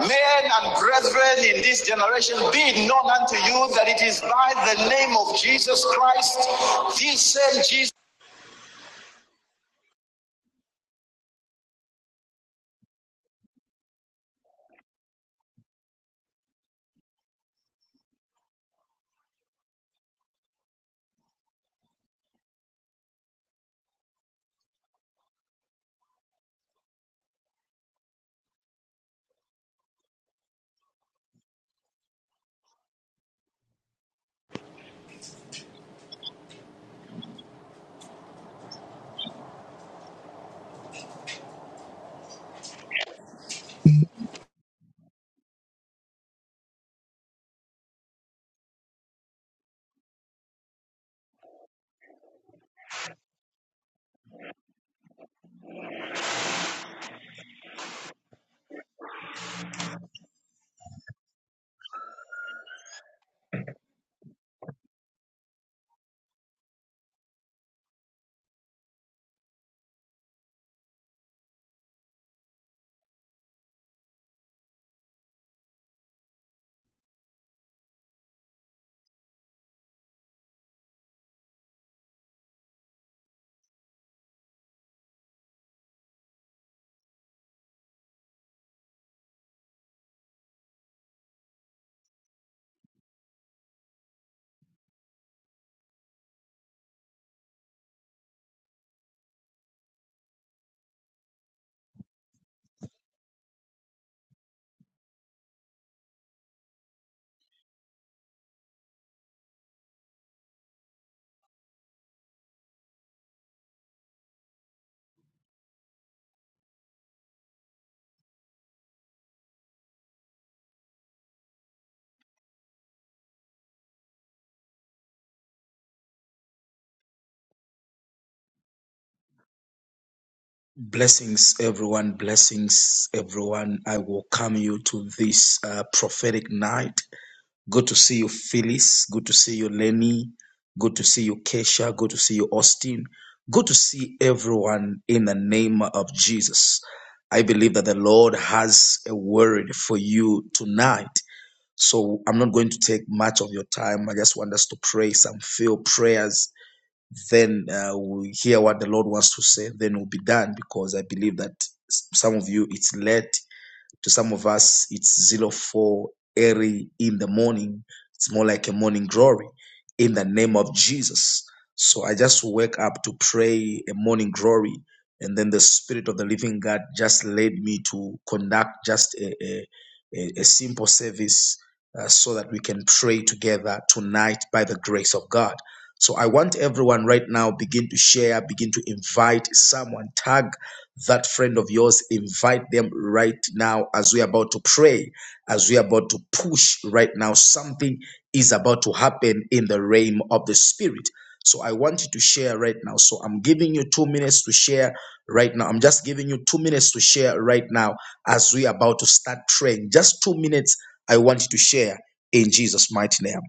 Men and brethren in this generation, be it known unto you that it is by the name of Jesus Christ, this same Jesus. Blessings, everyone. Blessings, everyone. I welcome you to this uh, prophetic night. Good to see you, Phyllis. Good to see you, Lenny. Good to see you, Kesha. Good to see you, Austin. Good to see everyone in the name of Jesus. I believe that the Lord has a word for you tonight. So I'm not going to take much of your time. I just want us to pray some few prayers. Then uh, we hear what the Lord wants to say. Then we'll be done because I believe that some of you it's late to some of us, it's zero four early in the morning. It's more like a morning glory in the name of Jesus. So I just wake up to pray a morning glory. And then the Spirit of the Living God just led me to conduct just a, a, a a simple service uh, so that we can pray together tonight by the grace of God. So I want everyone right now begin to share, begin to invite someone, tag that friend of yours, invite them right now as we're about to pray, as we're about to push right now. Something is about to happen in the realm of the spirit. So I want you to share right now. So I'm giving you two minutes to share right now. I'm just giving you two minutes to share right now as we are about to start praying. Just two minutes. I want you to share in Jesus' mighty name.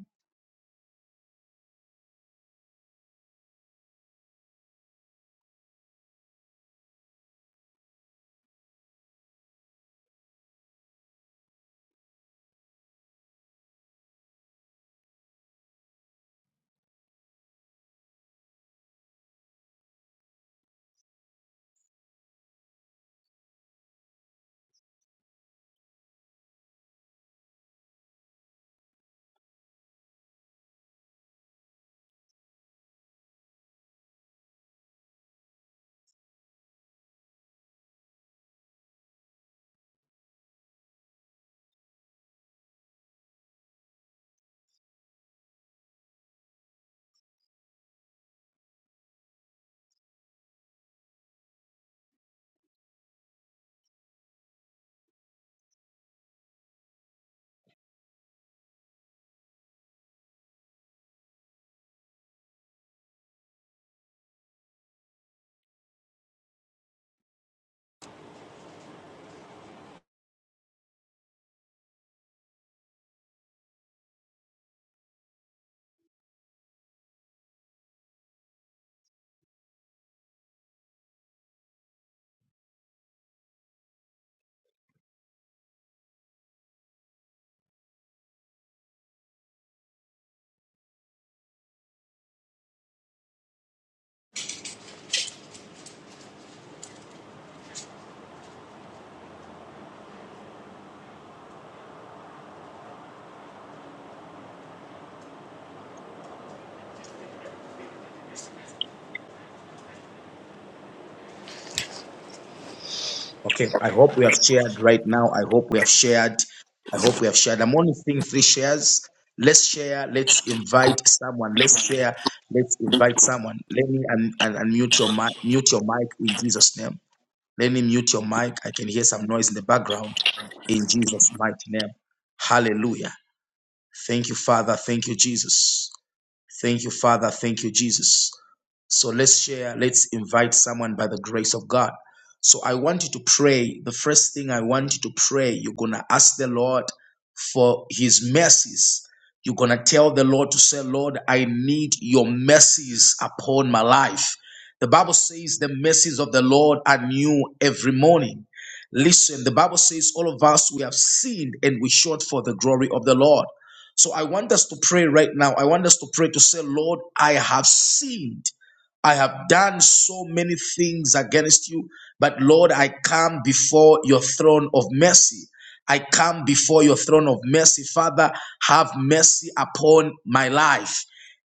Okay, I hope we have shared right now. I hope we have shared. I hope we have shared. I'm only seeing three shares. Let's share. Let's invite someone. Let's share. Let's invite someone. Let me and un- un- unmute your mic. Mute your mic in Jesus' name. Let me mute your mic. I can hear some noise in the background. In Jesus' mighty name. Hallelujah. Thank you, Father. Thank you, Jesus. Thank you, Father. Thank you, Jesus. So let's share, let's invite someone by the grace of God. So I want you to pray. The first thing I want you to pray, you're going to ask the Lord for his mercies. You're going to tell the Lord to say, Lord, I need your mercies upon my life. The Bible says the mercies of the Lord are new every morning. Listen, the Bible says all of us, we have sinned and we short for the glory of the Lord. So I want us to pray right now. I want us to pray to say, Lord, I have sinned I have done so many things against you, but Lord, I come before your throne of mercy. I come before your throne of mercy. Father, have mercy upon my life.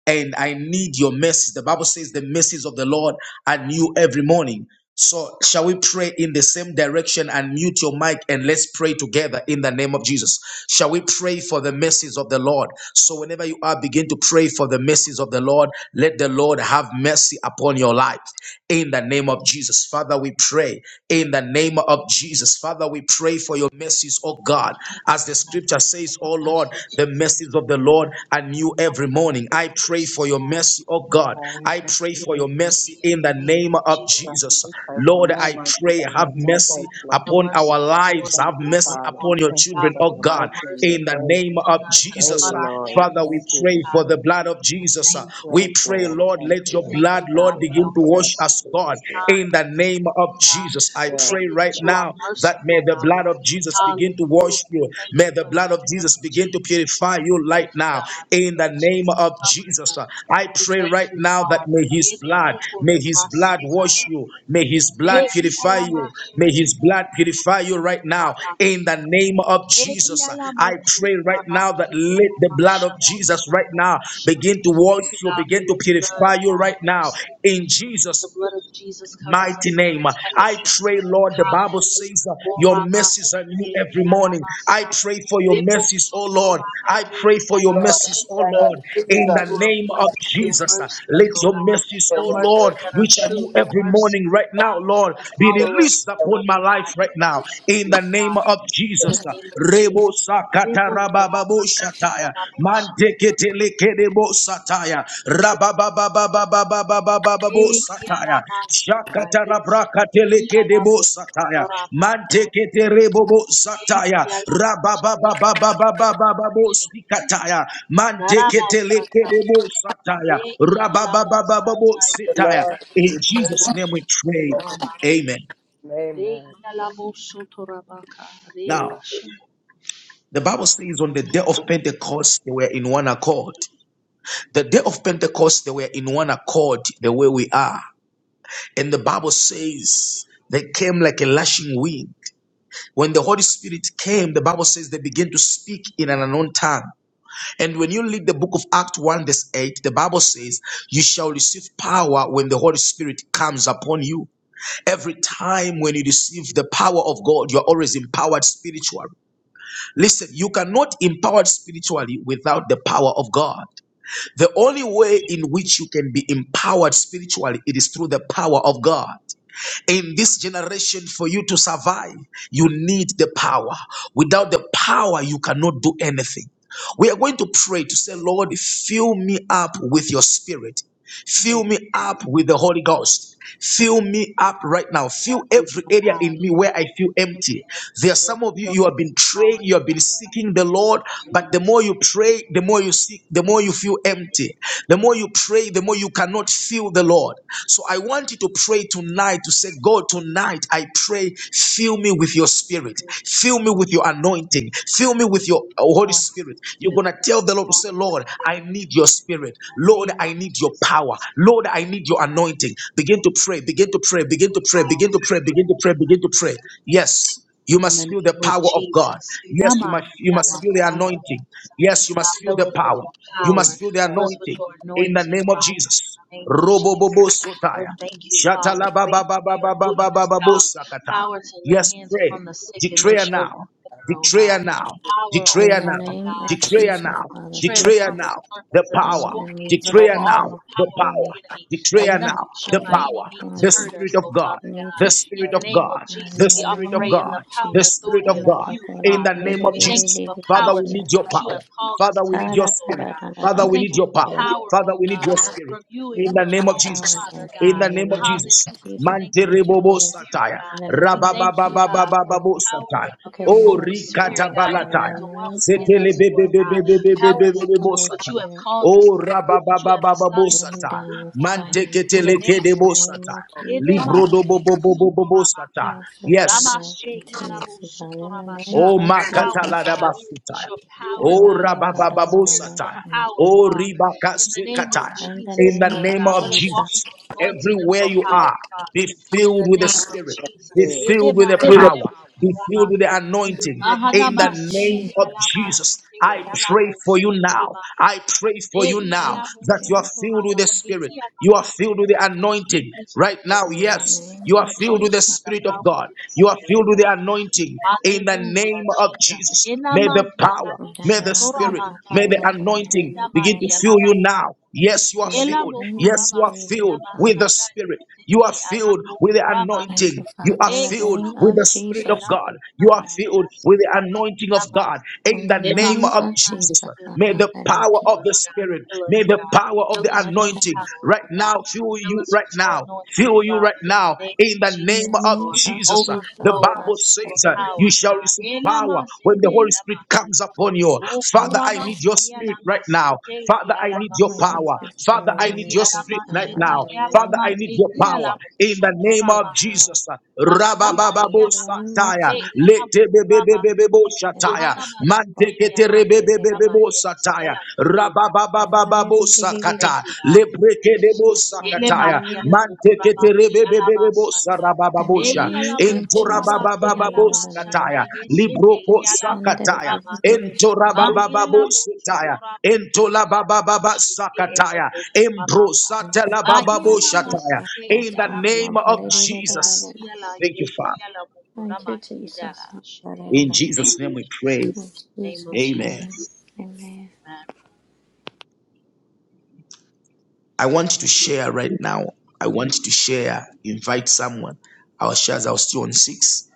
And I need your mercy. The Bible says the mercies of the Lord are new every morning. So, shall we pray in the same direction and mute your mic and let's pray together in the name of Jesus? Shall we pray for the mercies of the Lord? So, whenever you are, begin to pray for the mercies of the Lord. Let the Lord have mercy upon your life in the name of Jesus. Father, we pray in the name of Jesus. Father, we pray for your mercies, oh God. As the scripture says, oh Lord, the mercies of the Lord are new every morning morning. I pray for your mercy, oh God. Lord, I thank pray you, for your Jesus. mercy in the name of Thank Jesus. you for Lord, more I mighty pray, have God, more mercy grace, Lord. upon our We lives. thank Have you, mercy Father. upon your Thank you children, for oh your God, mercy and your in the grace name of Jesus. daily, Lord. Father, we Thank you, pray for the Jesus. blood of Jesus. Yes, We pray, Lord. Lord, Thank let you, your Jesus. blood, Father, Lord, begin to comfort us. wash us, Thank God, you, Jesus. in the name of Jesus. I pray Yes, right Lord. now that may the blood of Jesus begin to wash you. May the blood of Jesus begin to purify you right now. In the name of Jesus, uh, I pray right now that may His blood, may His blood wash you. May His blood purify you. May His blood purify you right now. In the name of Jesus, uh, I pray right now that let the blood of Jesus right now begin to wash you, begin to purify you right now. In Jesus' mighty name. I pray, Lord, the Bible says uh, your mercies are new every morning. I pray for your mercies, oh Lord. I pray for your Lord, I mercies, oh thank Lord, you, in the Jesus, name of in Jesus. uh, Jesus, Let your mercies, for oh your Lord, mercy. which are new every morning right now, Lord, be that released I upon my life right now, in the receive. name of Jesus. Thank uh, Rebo sakata rabababo Sataya. Manteketelekebo Sataya. Rabababababababababo Sataya. Shakatarabrakatelekedebo Sataya. Manteketerebo Sataya. Rababababababababo Sikataya. Manteketelekebo Sataya. Rababababababo you, Sitaya. Lord, In Jesus' name we pray. in Amen. Praise Now, the Bible says on the day of Pentecost, they were in one accord. The day of Pentecost, they were in one accord the way we are. And the Bible says they came like a lashing wind. When the Holy Spirit came, the Bible says they began to speak in an unknown tongue. And when you read the book of Acts 1, verse 8, the Bible says, You shall receive power when the Holy Spirit comes upon you. Every time when you receive the power of God, you're always empowered spiritually. Listen, you cannot empowered spiritually without the power of God. The only way in which you can be empowered spiritually, it is through the power of God. In this generation, for you to survive, you need the power. Without the power, you cannot do anything. We are going to pray to say, Lord, fill me up with your spirit. Fill me up with the Holy Ghost. Fill me up right now. Fill every area in me where I feel empty. There are some of you, you have been praying, you have been seeking the Lord, but the more you pray, the more you seek, the more you feel empty. The more you pray, the more you cannot feel the Lord. So I want you to pray tonight to say, God, tonight I pray, fill me with your spirit, fill me with your anointing, fill me with your oh, Holy Spirit spirit. You're going to tell the Lord to say, Lord, I need your spirit. Lord, I need your power. Lord, I need your anointing. Begin to pray, begin to pray, begin to pray, begin to pray, begin to pray, begin to pray. Yes. You must feel the power of God. Yes, you must you must feel the anointing. Yes, you must feel the power. You must feel the anointing in the name of Jesus. Robobobo sotaya. Shatalabababababababababosakata. Yes, pray. Declare now. Declare now. In Declare the now. name of Declare Jesus, now. Father, thank Declare you. now. The Father, power. I need to Declare feel now. your The power. power. I God. Declare need to now. The feel your power. The Thank anointing. you, Spirit of God. I need The to Spirit Father. feel of it, God. God The in the Thank Spirit of name of God. The Jesus. Spirit I of need God. your power, Lord In the God, name of in Jesus. the name of Father, Jesus. we need your power. Father, we need your spirit. Father, we need your power. Father, we need your spirit. In the name of Jesus in the name of Jesus. I need your Manterebobo Holy Spirit satire. in the name of Jesus Christ Rababababababo satire. to Oh, connect, Father God, in the rikatabalataya. name of Jesus. Connect with us, Setelebebebebebebebebebo Holy satire. Spirit. Oh, rabababababo Rain satire. down your fire upon us in the Manteketelekedebo name of satire. Jesus. Christ. fill Librodobobobobobo satire. us with your Yes. blood continuously, God. In the name Oh, of Jesus makatalada Christ. basuta. Oh rababababosata. Shalokorararararabashinokaya. Oh ribakasekata. In the In the name of name of Jesus. Jesus, everywhere you are, be filled with the Spirit, be you. filled with the We power, be filled with the In the anointing. In name the of name Jesus. of God. Jesus, I pray for you now. I pray for you now In the that you name are of filled Jesus. with the Spirit, you are filled with the anointing right now. In the Yes. You name are filled with the Spirit of God. You are filled with the anointing in the name of Jesus. May the power, may the spirit, may the anointing begin to fill you now. Yes, you are filled. of Yes, you are Jesus. filled Father. with the spirit. You are filled with the Thank anointing. you, You Father. are In the filled name with of the spirit of Jesus. God. You are filled with the anointing of God. In In the the name name of of Jesus, Jesus. may the power Abakariki. of the spirit, may the power of the Ararara. anointing right now fill you right now fill you right now in the In name the of name of Jesus. The Jesus, Father. Bible Thank says uh, you. you shall receive power when the Holy Spirit comes upon you. Father, Father, I thank need your spirit right now. Father, I need you. your We need power. your Father, spirit. I We need your need your spirit right power. In now. the name Father, I of need your power Jesus. in the name Your of power. Jesus. Your spirit. In Rabababo the name of sataya, Jesus. lete bebebebebo shataya, Tenakashira kohakariri. Andariri. mante Lebosataya, Rabababababosakata, Lebrekedebosakataya, Yakoyarari. In the Manteketerebebebebosarabababosha, name of Jesus. Intorabababababosataya, Under the Librokosakataya, liberation Intorababababosataya, Intolababababasakataya, of the name of Imbrosatelabababoshataya. Jesus In Christ, the God. name Now, of hallelujah. Jesus. Thank you, Father. Thank you, Jesus. In Hallelujah. Jesus' name we pray. In Jesus' Amen. name, amen. I want you to share right now. I want you to share, invite someone. Our shares are still on six.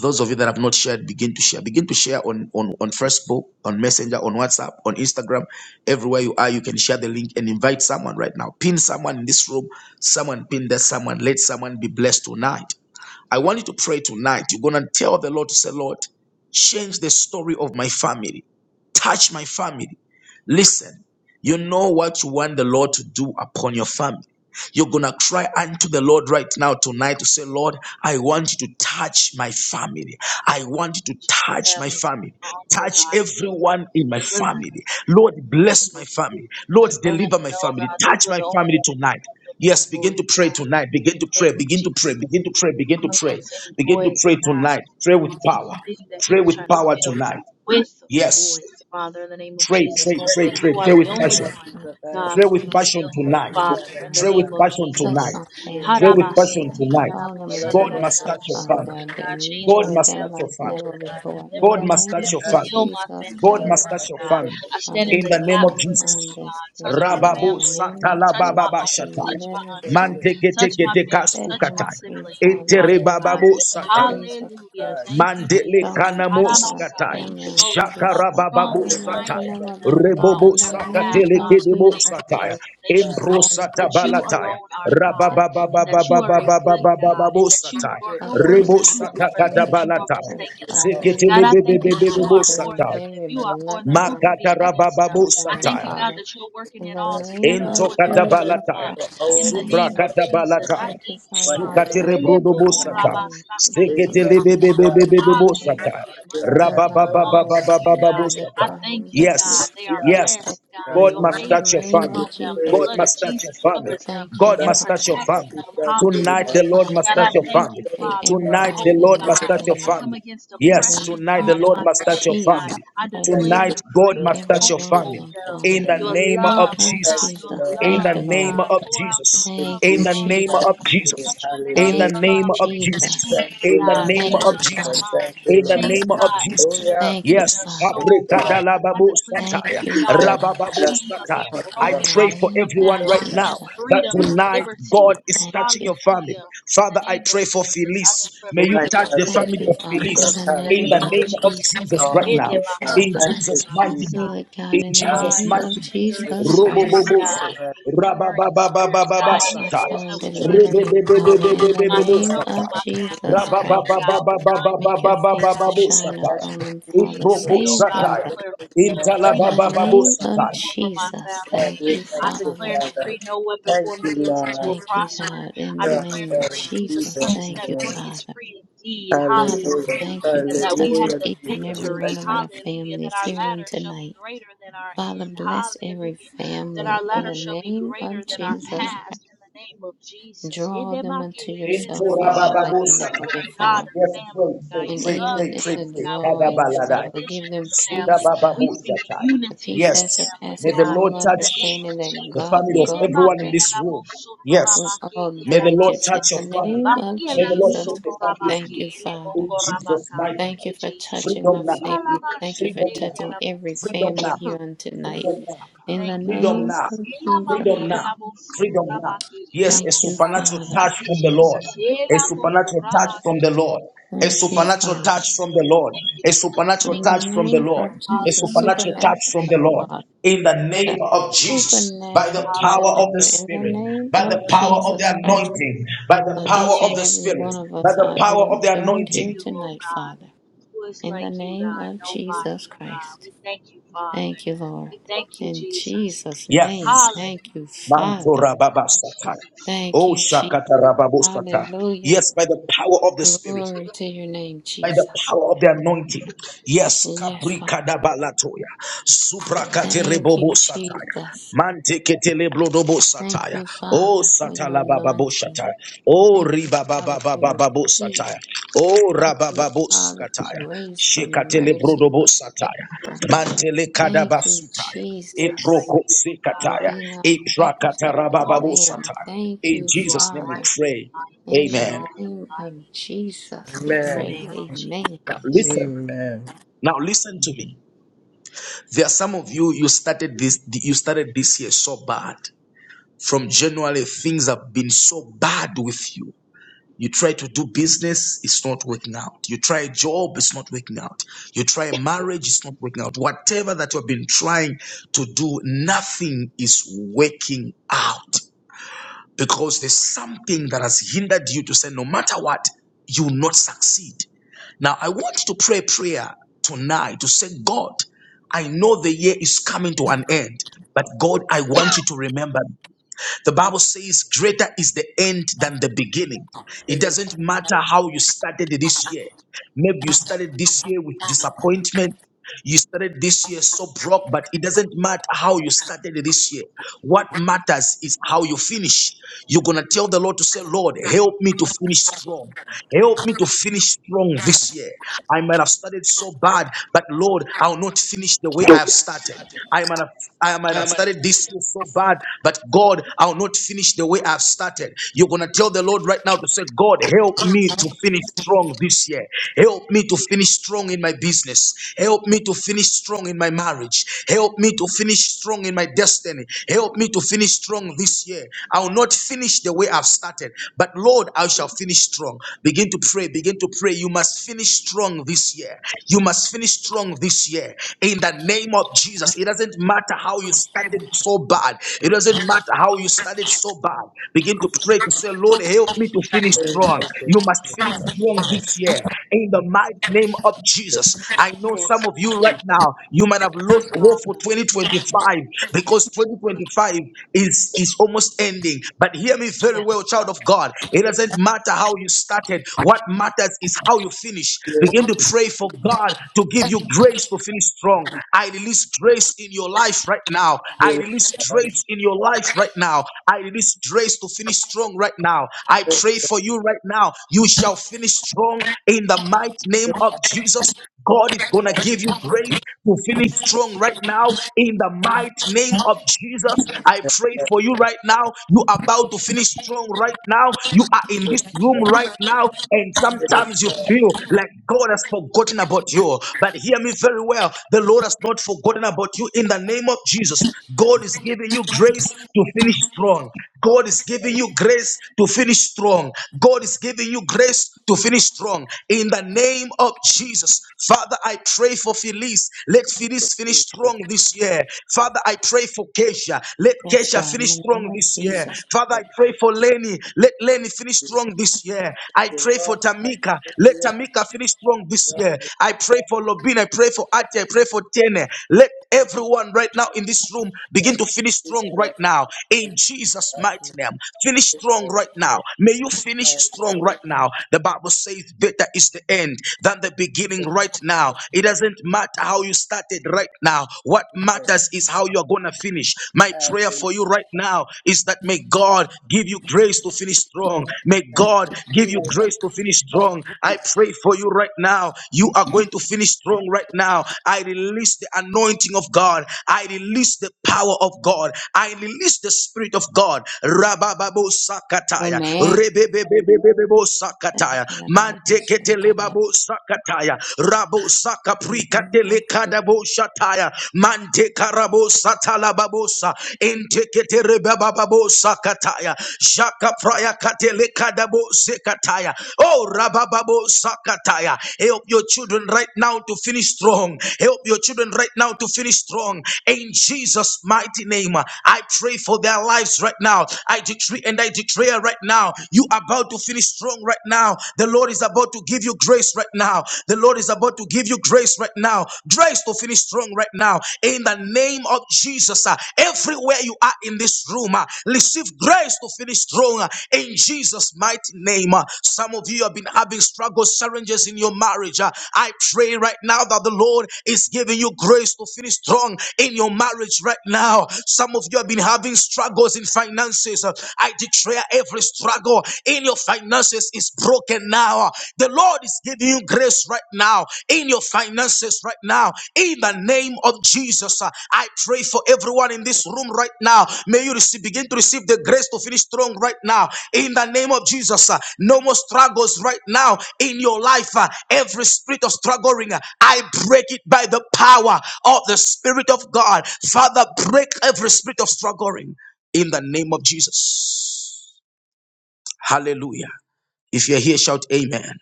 Those of you that have not shared, begin to share. Begin to share on, on, on Facebook, on Messenger, on WhatsApp, on Instagram. Everywhere you are, you can share the link and invite someone right now. Pin someone in this room, someone pin that someone. Let someone be blessed tonight. I want you to pray tonight. You're going to tell the Lord to say, Lord, change the story of my family, touch my family. Listen, you know what you want the Lord to do upon your family. You're going to cry unto the Lord right now tonight to say, Lord, I want you to touch my family. I want you to touch my family, touch everyone in my family. Lord, bless my family. Lord, deliver my family. Touch my family tonight. Yes, begin to pray tonight. Begin to pray. Begin to pray. Begin to pray. Begin to pray. Begin to pray tonight. Pray with power. Pray with power tonight. Yes. Pray, pray, pray, pray, pray Yes, with in the name passion. Hallelujah. of Lord Jesus, I ask Pray you Jesus, with to bless passion my my family, tonight. family on Father Pray tonight. with God, passion Touch for tonight. my the fear. family Pray on with passion tonight. tonight. Draw them I love unto you, God Lord, must yourself, touch your for the Father love family. of the God. Lord. God Deliver Thank you, must them touch your like for family. never your Father before. God. In God the must I touch name your of ask family. you to Jesus please, God Christ. Father, must touch your my sister, family for Father, the fear. in the touch name my of son Jesus. this, this day Please, in Rababo the name of satala Jesus. bababa I please, shataya. Deliver my friend, him Manteke teke teka Set him spukataya. free, Father, in Etere the bababo name of sataya. Jesus Christ. Mandele Draw my kanamo entire skataya. family God. unto yourself, Shakarabababo Father, like sataya. never before. Rebobo In the name sakatele of kedebo Jesus sataya. Christ, Impro Father, bless them, satabalataya. protect them, cover them, and keep them. Rabababababababababababo sataya. Uproot Rebo every generational satakatabalatai. curse, Father, every Zeketele generational bebebebebo thing, satai. every bloodline, past Makatarabababu bloodline, satire. Father. In the name of Into Jesus katabalataya. Christ, I thank Supra you. katabalataya. Thank you, Father God, that our Sukatirebrudubu satire. bloodline. from tears and full Stikitilibibibibibibu tears. satire. Does not bother us Rabababababababu anymore. Does satire. not hurt us Yes, anymore. Not yes. effective God anymore. must In the touch your name family. of Jesus God Christ. must touch your family. Thank you, God must touch your Father. family. Tonight, the Lord Father, must touch thank your you for family. touching Tonight, everybody the in Lord my must touch your family. family. In Yes, the tonight, name the Lord of must touch your Jesus family. Christ. Tonight, God must touch Every your one of family. them, Father. In Thank you. the In the name name of of Jesus. Thank you, Lord. Jesus. In Thank the you, Lord. name Hallelujah. of Jesus. In Thank In you, Jesus' the name Jesus. of mighty name. Jesus. In the Hallelujah. Thank you, name of Jesus. Jesus. Thank you, In the Lord. name Thank Thank of you, you, Father. Lord. Jesus. Thank you, In the Lord. name of Jesus. Hallelujah. Thank you, Yes, Father. It's God. Abrekadalababu Sataya, Thank you, Jesus. Father. Rabababu That's Sataya. the power I In of the pray for name of everyone right now Jesus. Jesus, that tonight God is thank touching you. your family. Father, I pray for Felice. My May you touch God, the thank Thank family you, you, of Father. In Felice Jesus. the in name Hallelujah. the of name of Jesus, Jesus Oh, right my thank now. you, God. In Father. Thank you, Jesus' mighty Jesus. Do name. it, God, In in the Oh, Jesus' name of mighty name. this is Jesus the Christ. Roboboboso. Lord. Touch my Rababababababasataya. son, deliver him, Father, in the name of Rebebebebebebebebosataya. Jesus Christ. Make your face to shine Rababababababababababababosataya. Thank you, upon him, Father. Save him, Ibrobosataya. God. Lord. Thank In the name of Intalababababosataya. Jesus, you, thank Lord. you, Thank you, Father. Father. Thank you, Lord. Thank you, God. In the name of Thank you, Jesus, thank you, Jesus. Father. Father, Hallelujah. thank you for touching Hallelujah, each and every one Jesus. of our families here on tonight. Father, bless every family in the name of Jesus Christ. Draw them unto yourself, Father, like Entorabababosata. never before. Yes, pray, pray, And pray, pray, even in pray, the pray. drawing, Kadabaladai. Father, give them peace, God. Sudabababoshata. The peace that Yes, may surpasses the Lord all touch understanding that the family God of guards everyone in their heart this room. with Yes, all may the Lord diligence. In touch your the family. name of May the Lord Jesus set your Christ, family thank free. you, Father. In Jesus' mighty Thank name. you for touching Freedom my now. family. Thank you for Freedom now. touching every Freedom family now. here on tonight. Freedom now. In the Freedom name now. of Jesus Freedom Christ. now. Freedom now. Yes, a Thank you, supernatural Father. touch from the Lord. A supernatural touch from the Lord. A Thank you, supernatural touch Father. from the Lord. A supernatural In the touch from the name of Lord. A Jesus, supernatural supernatural touch from touch, the Lord. Father. In the A name of Jesus, by supernatural the touch, power of Father. the In the Spirit, name by the of power of Jesus the Christ. anointing, by the For power each of and the every Spirit, one of by us the uh, who power of have the joined here anointing. tonight, Father. In the name of Jesus Christ. Thank you, Lord. In Jesus' name. Yes. Thank you, Father. Mantora Baba Satara. Thank Oh you, Jesus. Shakata Rababosata. Hallelujah. Yes, by the power of the Spirit Glory to your name, by the Jesus. power of the anointing. Yes, Yes, Father. Caprica da Balatoya, Supracate Thank you, Rebobo Satire, Jesus. Mantecate Leblodobo Thank Satire, you, O Father, for your Satala Bababo anointing. Satire, O Thank you, Father, for your Ribababababo peace. Satire, O Thank you, Rabababo Father, for Satire, grace, for Shekatele mercy, Brodobo for Satire, favor. Mantele Kadaba Thank you, Sutire, Jesus, Eproko for Sekatire, being our Eprakata sacrificial Rabababo lamb. Satire. Thank In you, Jesus' name we Father. pray. In the Amen. name of Jesus, we pray. Amen. Amen. Now listen. Amen. Now listen to me. There are some of you, you started this, you started this year so bad. From January, things have been so bad with you. You try to do business, it's not working out. You try a job, it's not working out. You try marriage, it's not working out. Whatever that you have been trying to do, nothing is working out because there's something that has hindered you to say, no matter what, you will not succeed. Now, I want to pray a prayer tonight to say, God, I know the year is coming to an end, but God, I want you to remember. The Bible says, greater is the end than the beginning. It doesn't matter how you started this year. Maybe you started this year with disappointment. You started this year so broke, but it doesn't matter how you started this year. What matters is how you finish. You're going to tell the Lord to say, Lord, help me to finish strong. Help me to finish strong this year. I might have started so bad, but Lord, I'll not finish the way I we have are started. certain. I might have, I might I have am an started this year so bad, but God, I'll not finish the way I've started. You're going to tell the Lord right now to say, God, help me to finish strong this year. Help me to finish strong in my business business. Help me to finish strong in my marriage. Help me to finish strong in my destiny. Help me to finish strong this year. I will not finish the way I've started, but Lord, I shall finish strong. Begin to pray. Begin to pray. You must finish strong this year. You must finish strong this year. In the name of Jesus. It doesn't matter how you started so bad. It doesn't matter how you started so bad. Begin to pray to say, Lord, help me to finish strong. You must finish strong this year. In the mighty name name of Jesus. I know some of you right now, you might have lost hope for 2025 because 2025 is, is almost ending. But hear me very well, child of God. It doesn't matter how you started, what matters is how you finish. Yes, Begin to pray for God to give you grace to finish strong. I release grace in your life right now. I yes, yes, yes, release grace in your life right now. I release grace to finish strong right now. I yes, pray for you right now. You shall finish strong in in the mighty name yes, of Jesus. God is going to give you grace to finish strong right now in the mighty name of Jesus. I pray for you right now. You are about to finish strong right now. You are yes, in this room yes, right now, and yes, yes. sometimes you feel like God has forgotten about you. But hear me very well the Lord has not forgotten about you in the name of Jesus. God is giving you grace to finish strong. God is giving you grace to finish strong. God is giving you grace to finish strong in the name of Jesus. Father, I pray for Felice. Let Felice finish strong this year. Father, I pray for Kesha. Let Yes, Kesha God, in finish the name strong of this year. Jesus. Father, I pray for Lenny. Let Lenny finish strong this year. I The pray for Lord, Tamika. Let hallelujah, I Tamika finish strong this love year. you, I pray for Lobin. I pray for Ati. I pray for Tene. Let Everyone right now in this room, begin thank to finish you, strong right Jesus. now. In Jesus' mighty name, finish strong Amen. right now. May you finish strong right Hallelujah, now. The Bible says, Better is the end than the beginning right amen, now. It doesn't matter how you started right now. What matters is how you're going to finish. My prayer amen. for you right now is that may God give you grace to finish strong. May God give you Hallelujah, grace to finish strong. I pray for you right now. You are going to finish strong right now. I release the anointing of God. I release the power of God. I release the spirit of God. Rabababo sakataya. Amen. Rebebebebebebo sakataya. Manteketelebabo sakataya. Rabo sakaprikatele kadabo shataya. Mantekarabo satalababosa. Inteketerebababo Kadabo Sakataya, Jaka Praya Katele Kadabo Sekataya, Oh Rabababo Sakataya. Help your children right now to finish strong. Help your children right now to finish strong. In Jesus' mighty name, I pray for their lives right now. I decree and I declare right now, you are about to finish strong right now. The Lord is about to give you grace right now. The Lord is about to give you grace right now. Grace to finish be strong right now in the name of Jesus. uh, Everywhere you are in this room, uh, receive grace to finish strong uh, in Jesus' mighty name. uh. Some of you have been having struggles, challenges in your marriage. uh, I pray right now that the Lord is giving you grace to finish strong in your marriage right now. Some of you have been having struggles in finances. uh, I declare every struggle in your finances is broken now. The Lord is giving you grace right now in your finances right now. In the name of Jesus, uh, I pray for everyone in this room right now. May you receive, begin to receive the grace to finish strong right now. In the name of Jesus, uh, no more struggles right now in your life. uh, Every spirit of struggling, uh, I break it by the power of the Spirit of God. Father, break every spirit of struggling in the name of Jesus. Hallelujah. If you're here, shout amen.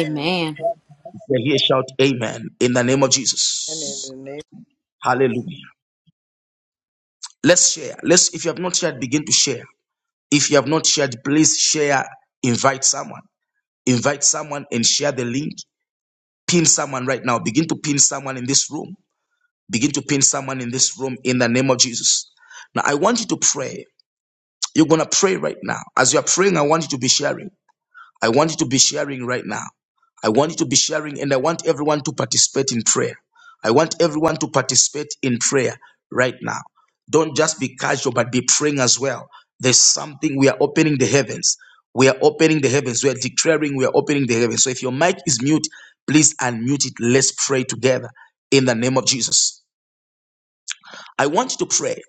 amen. We're here, shout amen in the name of And in the Jesus. name Hallelujah. Yes. Let's share. Let's, if you have not shared, begin to share. If you have not shared, please share. Invite someone. Invite someone and share the link. Pin someone right now. Begin to pin someone in this room. Begin to pin someone in this room in the name of Jesus. Now, I want you to pray. You're going to pray right now. As you are praying, I want you to be sharing. I want you to be sharing right now. I want you to be sharing and I want everyone to participate in prayer. I want everyone to participate in prayer right now. Don't just be casual, but be praying as well. There's something we are opening the heavens. We are opening the heavens. We are declaring we are opening the heavens. So if your mic is mute, please unmute it. Let's pray together in the name of Jesus. I want you to pray.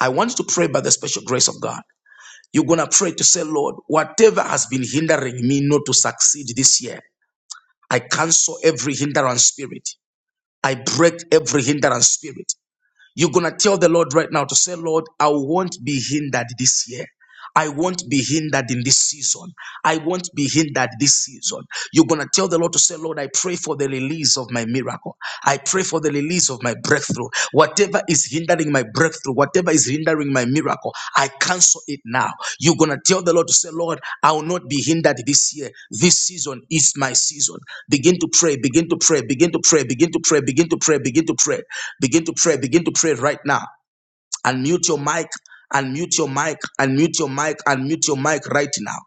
I want you to pray by the special grace of God. You're going to pray to say, Lord, whatever has been hindering me not to succeed this year, I cancel every hindrance spirit. I break every hindrance spirit. You're going to tell the Lord right now to say, Lord, I won't be hindered this year. I won't be hindered in this season. I won't be hindered this season. You're going to tell the Lord to say, Lord, I pray for the release of my miracle. I pray for the release of my breakthrough. Whatever is hindering my breakthrough, whatever is hindering my miracle, I cancel it now. You're going to tell the Lord to say, Lord, I will not be hindered this year. This season is my season. Begin to pray, begin to pray, begin to pray, begin to pray, begin to pray, begin to pray, begin to pray, begin to pray right now. Unmute your mic, unmute your mic, unmute your mic, unmute your mic right now.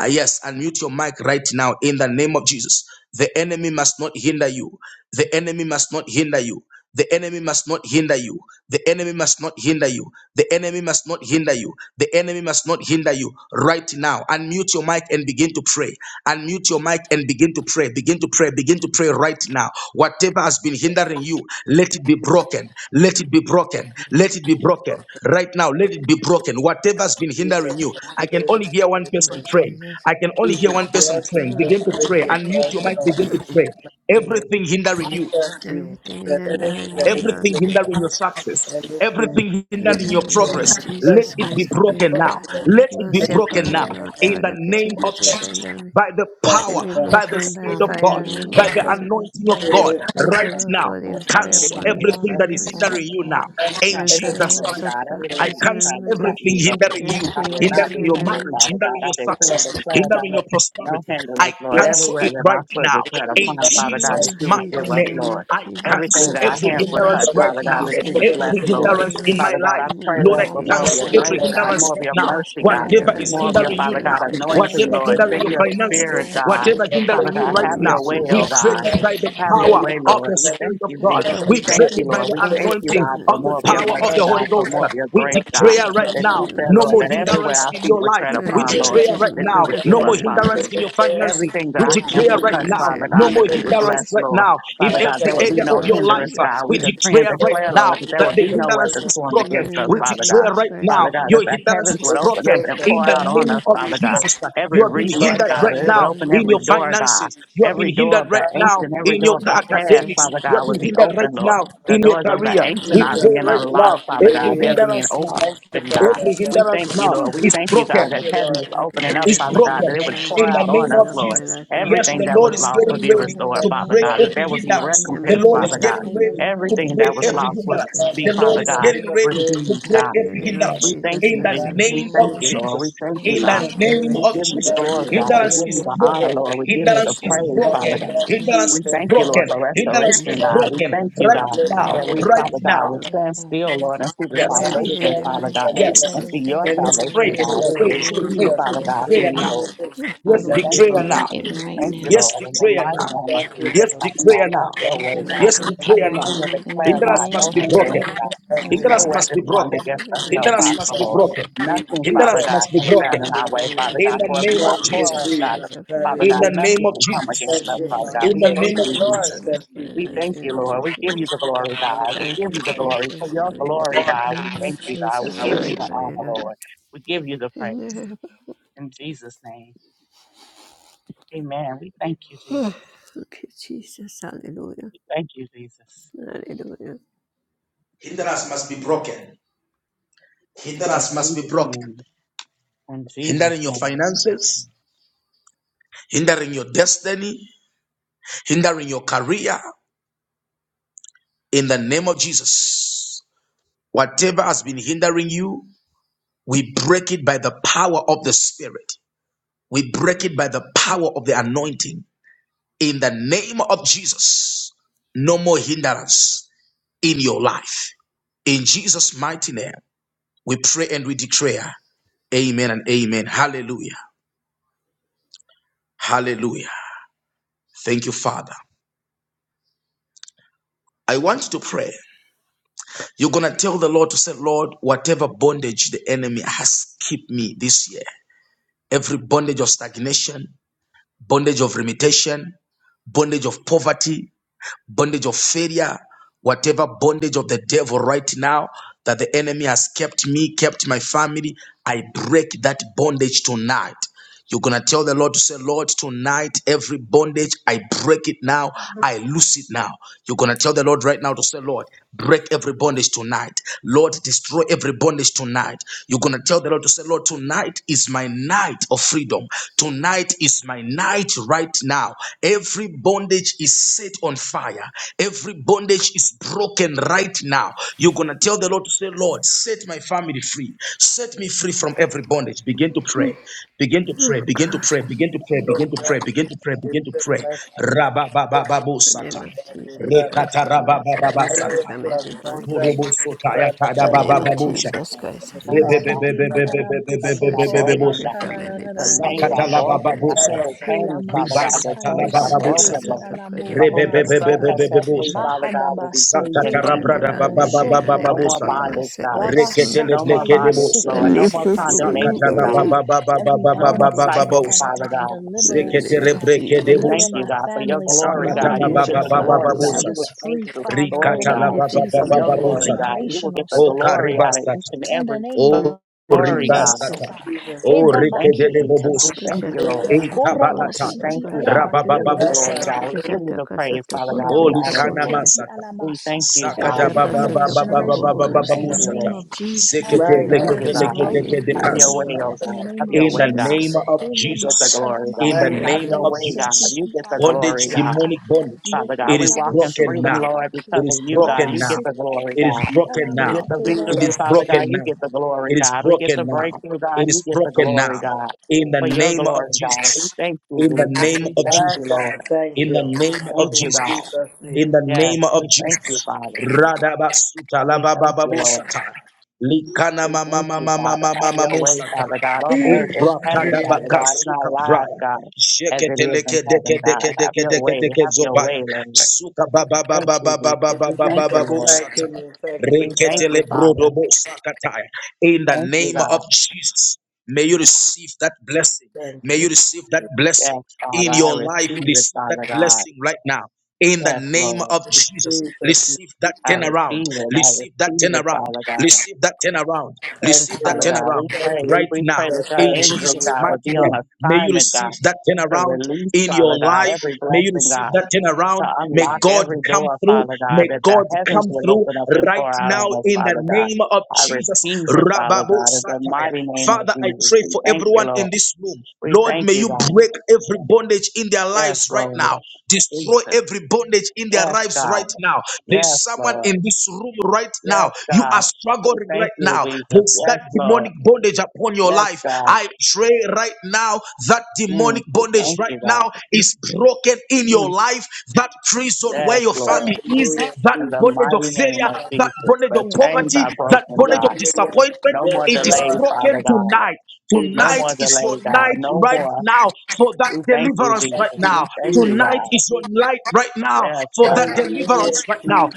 Ah, yes, unmute your mic right now in the name of Jesus. The enemy must not hinder you. The enemy must not hinder you. The enemy must not hinder you. The enemy must not hinder you. The enemy must not hinder you. The enemy must not hinder you. Right now, unmute your mic and begin to pray. Unmute your mic and begin to to pray, begin to pray, begin to pray right now. Whatever has been hindering you, let it be broken. Let it be broken. Let it be broken. Dr. Right now, let it be broken. Whatever has been hindering Jesus, you, I whatever can it only is, hear one you person Lord can praying. Jesus, I can only hear Jesus, one we say, person ask you praying. to oh, Begin just to Father break pray. the God, Unmute your fast mic, now in begin to pray. Jesus' mighty name. Everything We hindering you. thank you everything is that anything enduring that me, is in Lord. Everything the hindering your anything success, that is in the everything hindering In the your name way, of progress, and let Jesus it be Christ, broken forgive me. trust now. Lord. Have Let it be mercy anything broken upon me, will now come Lord in out. God. the name Everything of that is Jesus. enduring me By the Thank to you, power, be God. by the broken by Spirit of Father, in the God, fire Thank in you the name name for by of of your prayer, the Jesus. Jesus, anointing of thank you. God, and Lord, and I Thank you, right God. just Lord, now. feel, for your Let Father God, the fire Cancel come burning against up everything and that nothing is everything, of Lord, consume. hindering you that now is God. in trying to Answer Anything the Jesus' hinder that me, is works in mighty of the God, name. I everything darkness in that's the cancel name trying to of stop Jesus. everything me, Lord. hindering you, I Everything will that is not hindering be your hindered, enduring me. marriage, Father God. hindering I your we decree and success, declare, hindering God, your no prosperity. I hindrance, Lord. cancel ask you Everywhere it that my right foot now would tread in upon, In the Father God, that Jesus' name of you would give mighty Jesus, us, name. name of Lord. I Jesus, Everything cancel that our concept Father, every by in hands the would fire. to touch, hindrance name of right Father God, now. Jesus, that just you would cover this bless, Every anything Lord. situation. hindrance hindering in me my Father God, I life. In the pray, name from Lord, of Lord, I my for more of Jesus, cancel your I progress, I every grace, cancel. God, thank you more hindrance of for right your now. mercy, casting God, it and in Whatever the is around more of name in your, hindering of my you Father God, life now, Jesus against anointing, Christ. whatever Satan Lord. hindering and Send your your Father, myself. finances, spirit, thank you. God. Whatever Father hindering you In God, right the have name of now, your way, oh we Jesus break God. Christ it of by the Have Nazareth, your power way, of the Lord. We Spirit thank of you, I God. Jesus. power We of We the thank break you, it Spirit by Lord. of the We God. thank you, anointing In God, the for of name the more of of My your Thank God, power of Jesus mercy, my you, the Christ, God, Holy Lord for Ghost. more of your We grace, God. God. declare Jesus, right pray That in now the you name said, of no Lord, more that Jesus. everywhere hindrance our in feet your would life. tread My We upon, Lord, declare endurances right in that my you now would life, in give no the more us, name of Father Jesus. hindrance God. in your finances. Everything that We our hands declare would right touch, Endurance now Father in no my God, that more you would hindrance bless, finances. right Lord. now in Father God, every there In would the be area name of no of your life. hindrance, Jesus God. We We Christ. decree declare and declare right declare, Lord, now that there that would be the no hindrance weapon is formed In the broken. hallelujah. against us, name We of Father God. declare Jesus right Christ of Father now God, that your Nazareth. the hindrance heavens is would open up broken and in pour the out on name us, of Father God. Jesus. You Every have been resource, hindered Broken God, right that it right would now now in open the in name every your of door, Jesus. God. finances. You have Every been door hindered of the right now In ancient, the every name in of your door of the Jesus past, Christ academics. of Father You have God, would been be Nazareth. hindered open, right Lord. now The in your doors of the career. ancient We are being pray God. right now unlocked, Father God. every They're being hindrance now. Thank you, opened, God. Father Every We God. hindrance thank Thank you, now you, Lord. We is Jesus. thank you, God, broken Thank that you, heaven is Lord. for Uncle opening giving up, is us. Jesus, Father Father, every God, in the that broken it would name Thank you, hindrance of pour in is the Lord. out on name broken us, of Jesus. off Lord. my Jesus. life in the name Yes, Everything the of that Lord was Jesus. is Everything lost that would getting Thank is be ready restored, to hindering you, Father me, break God, that Father. that every there would is be hindering In hindrance. the my name The recompense, of Lord son, is that Father is Jesus. God. getting Everything hindering ready my to family Everything from I break that was Father thank every you, lost prospering, would hindrance. Jesus, be, The for us God, Lord Father is cover, thank from God, you God. getting getting for ready years married, to received, of time God, break God. In the every with name the of hindrance We Lord. thank Jesus to in you, the Christ God, the of Jesus. We name of thank we Nazareth. divine you, Lord. We Jesus. thank We you, In the God. break anchoring Jesus, in you the name We yes. have midst of give of you the purpose Jesus. God, we Jesus. glory, for us thank God. in We the you Hindrance for Hallelujah. give you is the name the of honor, broken. gift Jesus of Lord. We give Thank you you, Christ, the Hindrance yes. our is praise, Father Jesus. broken. Father business, God. Hallelujah. God, we Hindrance We is have thank all you, of Lord, broken. our the for Hindrance things Thank restoration, that you, is I God. do. We Father broken God. thank you, Lord, Father right God, God, bless you, now. every that we, Right Father hindrance is God, now. Father will God. marriage, stand broken. our still, business, Lord, and see our the Yes. God, Every ministry, we salvation, thank you, Father Father, hindrance is God, Father and Yes. broken God. see your everything that Anything you Yes, have we pray, salvation, can pray, given God. We us in love pray, the will pray, you, name receive, pray, of Jesus, pray, Father and God, Jesus praise from declare you, Christ, now. Lord. you, Jesus. off my Yes, Father, We we That's thank life in you, declare the now. break name Jesus. it of We right thank you, it. now. Jesus. Yes, Lord. In the declare mighty now. name of Thank you, Lord Yes, Jesus, Father Jesus. declare God, now. have your Thank Thank you, way, you, We Lord. God. Yes, break Jesus. it Thank I you, declare right now. Lord. continue to now Hallelujah, in declare, the We Hindrance God, Jesus. must name no be of thank you broken. hindrance, Jesus that God. has Christ, been No Hindrance Thank Father. you, hindered must weapon be formed Jesus. broken. against Every us shall in Hindrance hindrance must prosper, be is Jesus. Lord. broken. broken. In Nothing, Father Hindrance Jesus' God, must be can name, stand in broken. our Movement way, hallelujah. of Father In the God. the For if name you name of of are Thank you, for Jesus. us, Jesus God, Christ Jesus. of Father Nazareth. In God, Hallelujah. the name nothing of can come against The Thank us, Jesus. you, Father Lord. God. In endurance We the is thank Thank name of you, you, broken Lord. Jesus. Jesus. from Thank off my you, We life Jesus. thank in you, the Lord. name of We give you Jesus. the glory, God. We Hallelujah. Thank give you, you the glory. For Jesus. your glory, Hallelujah. In the God, we Name of thank you, God. We Jesus, give Glory, Father. you the honor, hallelujah. Lord. We give you the In the praise. name of- In Jesus' name. Amen. We thank you, Jesus. Thank you, Jesus. Hallelujah. We thank you, Jesus. Hallelujah. Hindrance must be broken. In Hindrance must be Jesus' broken. name. In Hindering Jesus' your name. finances, hindering your destiny, hindering your career in the name of Jesus. Whatever has been hindering you, we break it by the power of the Spirit. We break it by the power of the anointing. In the name of Jesus, no more hindrance in your life. In Jesus' mighty name, we pray and we declare, Amen and Amen. Hallelujah. Hallelujah. Thank you, Father. You go to the Lord to say, Lord, whatever bondage the enemy has kept here, every bondage, bondage of limitation, bondage of poverty, bondage of whatever bondage of the devil right now that the enemy has kept me, kept my family. I break that bondage tonight. You're going to tell the Lord to say, Lord, tonight, every bondage, I break it now. I loose it now. You're going to tell the Lord right now to say, Lord, break every bondage tonight. Lord, destroy every bondage tonight. You're going to tell the Lord to say, Lord, tonight is my night of freedom. Tonight is my night right right now. Every bondage is set on fire. Every bondage is broken right now. You're going to tell the Lord to say, Lord, set my family free. Set me free from every bondage. Begin to pray. Begin to pray. Oh, Begin to God. pray. Begin to pray. So Begin to glad pray. Begin to pray. you Begin to sent pray. my sacrifice. Rababababo In the name satan. of Jesus Christ of Nazareth, set Rekatarababababa me I know free it's satan. from from every down bondage. that Borobo sotaya side In the name of kadababababo satan. Jesus Christ of No more Nazareth, de bondage, i Lord. The chains you have are set busotora me Rebebebebebebebebebebebebo breaking, free God. bakana from na every na na The bondage chains in are Sakata your la mushi name, broken. of I babu Jesus. hear of sata. the that hela chains, Father Riba God. The masata sata la You chains are shall yesi babu take de broken, us to sata. Lord. For whom the mokora the Son baka Brazil, has set Set Rebebebebebebebebo me free, free sata. Father mahada God, will be basi free de sakata from indeed, every rabrada Father God. bondage in the busotora name No babababababu of more baka sata. Jesus. bondage, Set God. my son Reketele No rabasata more bleke debo bondage, yesi sata. and Lord. No lift more set her my from every family Sakata condemnation, free God. burden God every No more bondage oh rabababababababababababu cycles, Father Father sata. God God. deliver in the us oh name Seketele of God breke We Jesus. debo deliver thank you, my sata. God, for your family from glory, Thank Sakata God. la you, You will bondage get Jesus. the God glory, babababababu God. set Hallelujah. You us will sata. thank free the Father in glory, the Rikata Let la name God, me of riba free Jesus for from your even every from glory, Sakatalabababosata. Ribasatalabababosata. Rebebebebebebebosata. Sakatarabradabababababosata. Reketeleblekedebosata. Sakatarabababababababababosata. Zeketerebrekedebosata. Sakatalabababababosata. Rikatalabababababosata. God. You bondage. will generational get the O stuff God glory out of each karibasata. and in the every name O of Thank you, story, riba God. Jesus, oh Jesus. God. sataya. Jesus, my O We rike thank Hedabaki de you, Jesus. bobo We thank sataya. you, hitabashata. Lord. Ishataka E sotokoro We kabalataya. thank Korabasiti you, God. bababashi. We alamahi give you the Rabababu glory, sataya. God. We give lebokorabaka. you the Kajataka praise, Father sotokoro God. We Oli honor you, kana Lord. Hidamashiti bababashi. masata. We thank you, alamasata. Sakata Father. We Shataka come baba God. against baba baba sotokoro generational baba We baba curses thank in the you, bababashi. busata. name Lord. of Jesus. Zekete We My Thank thank you God. Declare it for lekete you, is God. lekete setting me broken lekete free, right Have your Lord now. way, kasokapa. God. oh In the God. Have name of your In the way, God. Ishataka. Jesus. name of You get the Jesus. glory, In God. the My Amen. Have God. Helebakadamasata name your of way, God. yeseti Jesus. You get the Bondage, glory, God. alamasata. Amen. demonic bondage. Father Behi God. It We is walk in broken freedom, now. Lord, halabosotorabaki. It because of is you, God. broken You get now. Rabasiti the glory, It is God. broken We In get now. the Jesus' It victory, alabokorabaki. is Father broken name. God. You now. get the glory, It is God. We get the broken now. breakthrough, God. It You is get the broken glory, now. God. In the For your name of glory, God. We Jesus. thank In the you, Jesus. name We of thank My you, Jesus Lord. God. Thank in the you. We name thank of In you, God. Jesus. Jesus' In name. the name Yes, of we thank you, Jesus. Father. Radabasuta We thank you, Lord. lababababosata. Likana We mama thank you, mama Father. mama Have mama your way, mosata. Father God, on earth In and heaven, Father God, in our Eprakadabakasuka lives, praya. God, as it is in Sheketeleke heaven, deke God. deke Have deke your deke way. deke Have your zobaya. way, Lord. Suka baba Thank you, Jesus. We thank you, Jesus' Lord. mighty name. Thank you, We thank Lord. you, Reketele Father. brodobo sakataya. We In the thank you, name God. of Jesus, may you receive that blessing. Thank May you you. receive that blessing Yes, Father, in I your receive life. it, Receive that Father God. blessing right now. In the Yes, name Lord, of In Jesus, Jesus' name. receive that I turnaround. receive it. I Receive that receive it, turnaround. Father God. Receive that turnaround. Thank Receive you, that Father Lord. God, we turnaround pray. Thank you, We, right we pray now that Jesus. your in angels, Jesus' God, Hallelujah. would mighty be on name. May you assignment, receive God, that to turnaround release, in your Father God, life. every May you blessing, receive God, that to turnaround. May unlock God every come door, through. Father God, May that the God heavens come would through open up and right pour out now on us, in the Father God. name of I Jesus. receive it, Father Rababu God, in the Sataya. mighty name of Father, I Jesus. pray We for thank you, everyone in Lord. this room. We Lord, thank may you, you God. break every bondage in their Yes, lives right Lord. now. Destroy Jesus. every bondage in their Yes, lives right God. now. There's Yes, someone in Lord. this room right Yes, now. You are God. We struggling thank right you, now. Jesus. There's Yes, that Lord. demonic bondage upon your Yes, life. God. I pray right now that Mm, demonic we bondage thank right you, God. now is broken in your Mm, life. That prison where yes, your Lord. family is, Hallelujah, that In Jesus. the bondage of mighty name failure, of Jesus, that bondage the of chains poverty, are that broken, bondage God. of Hallelujah. disappointment, No more Yes, it is delay, Lord. Father broken God. tonight. In No Jesus' Tonight more is your delay, God. night No right more. now for that We thank you, deliverance Jesus. right name. We now. thank Jesus. you, Tonight God. is your night right now Yes, for that God. Hallelujah, deliverance right now. Jesus.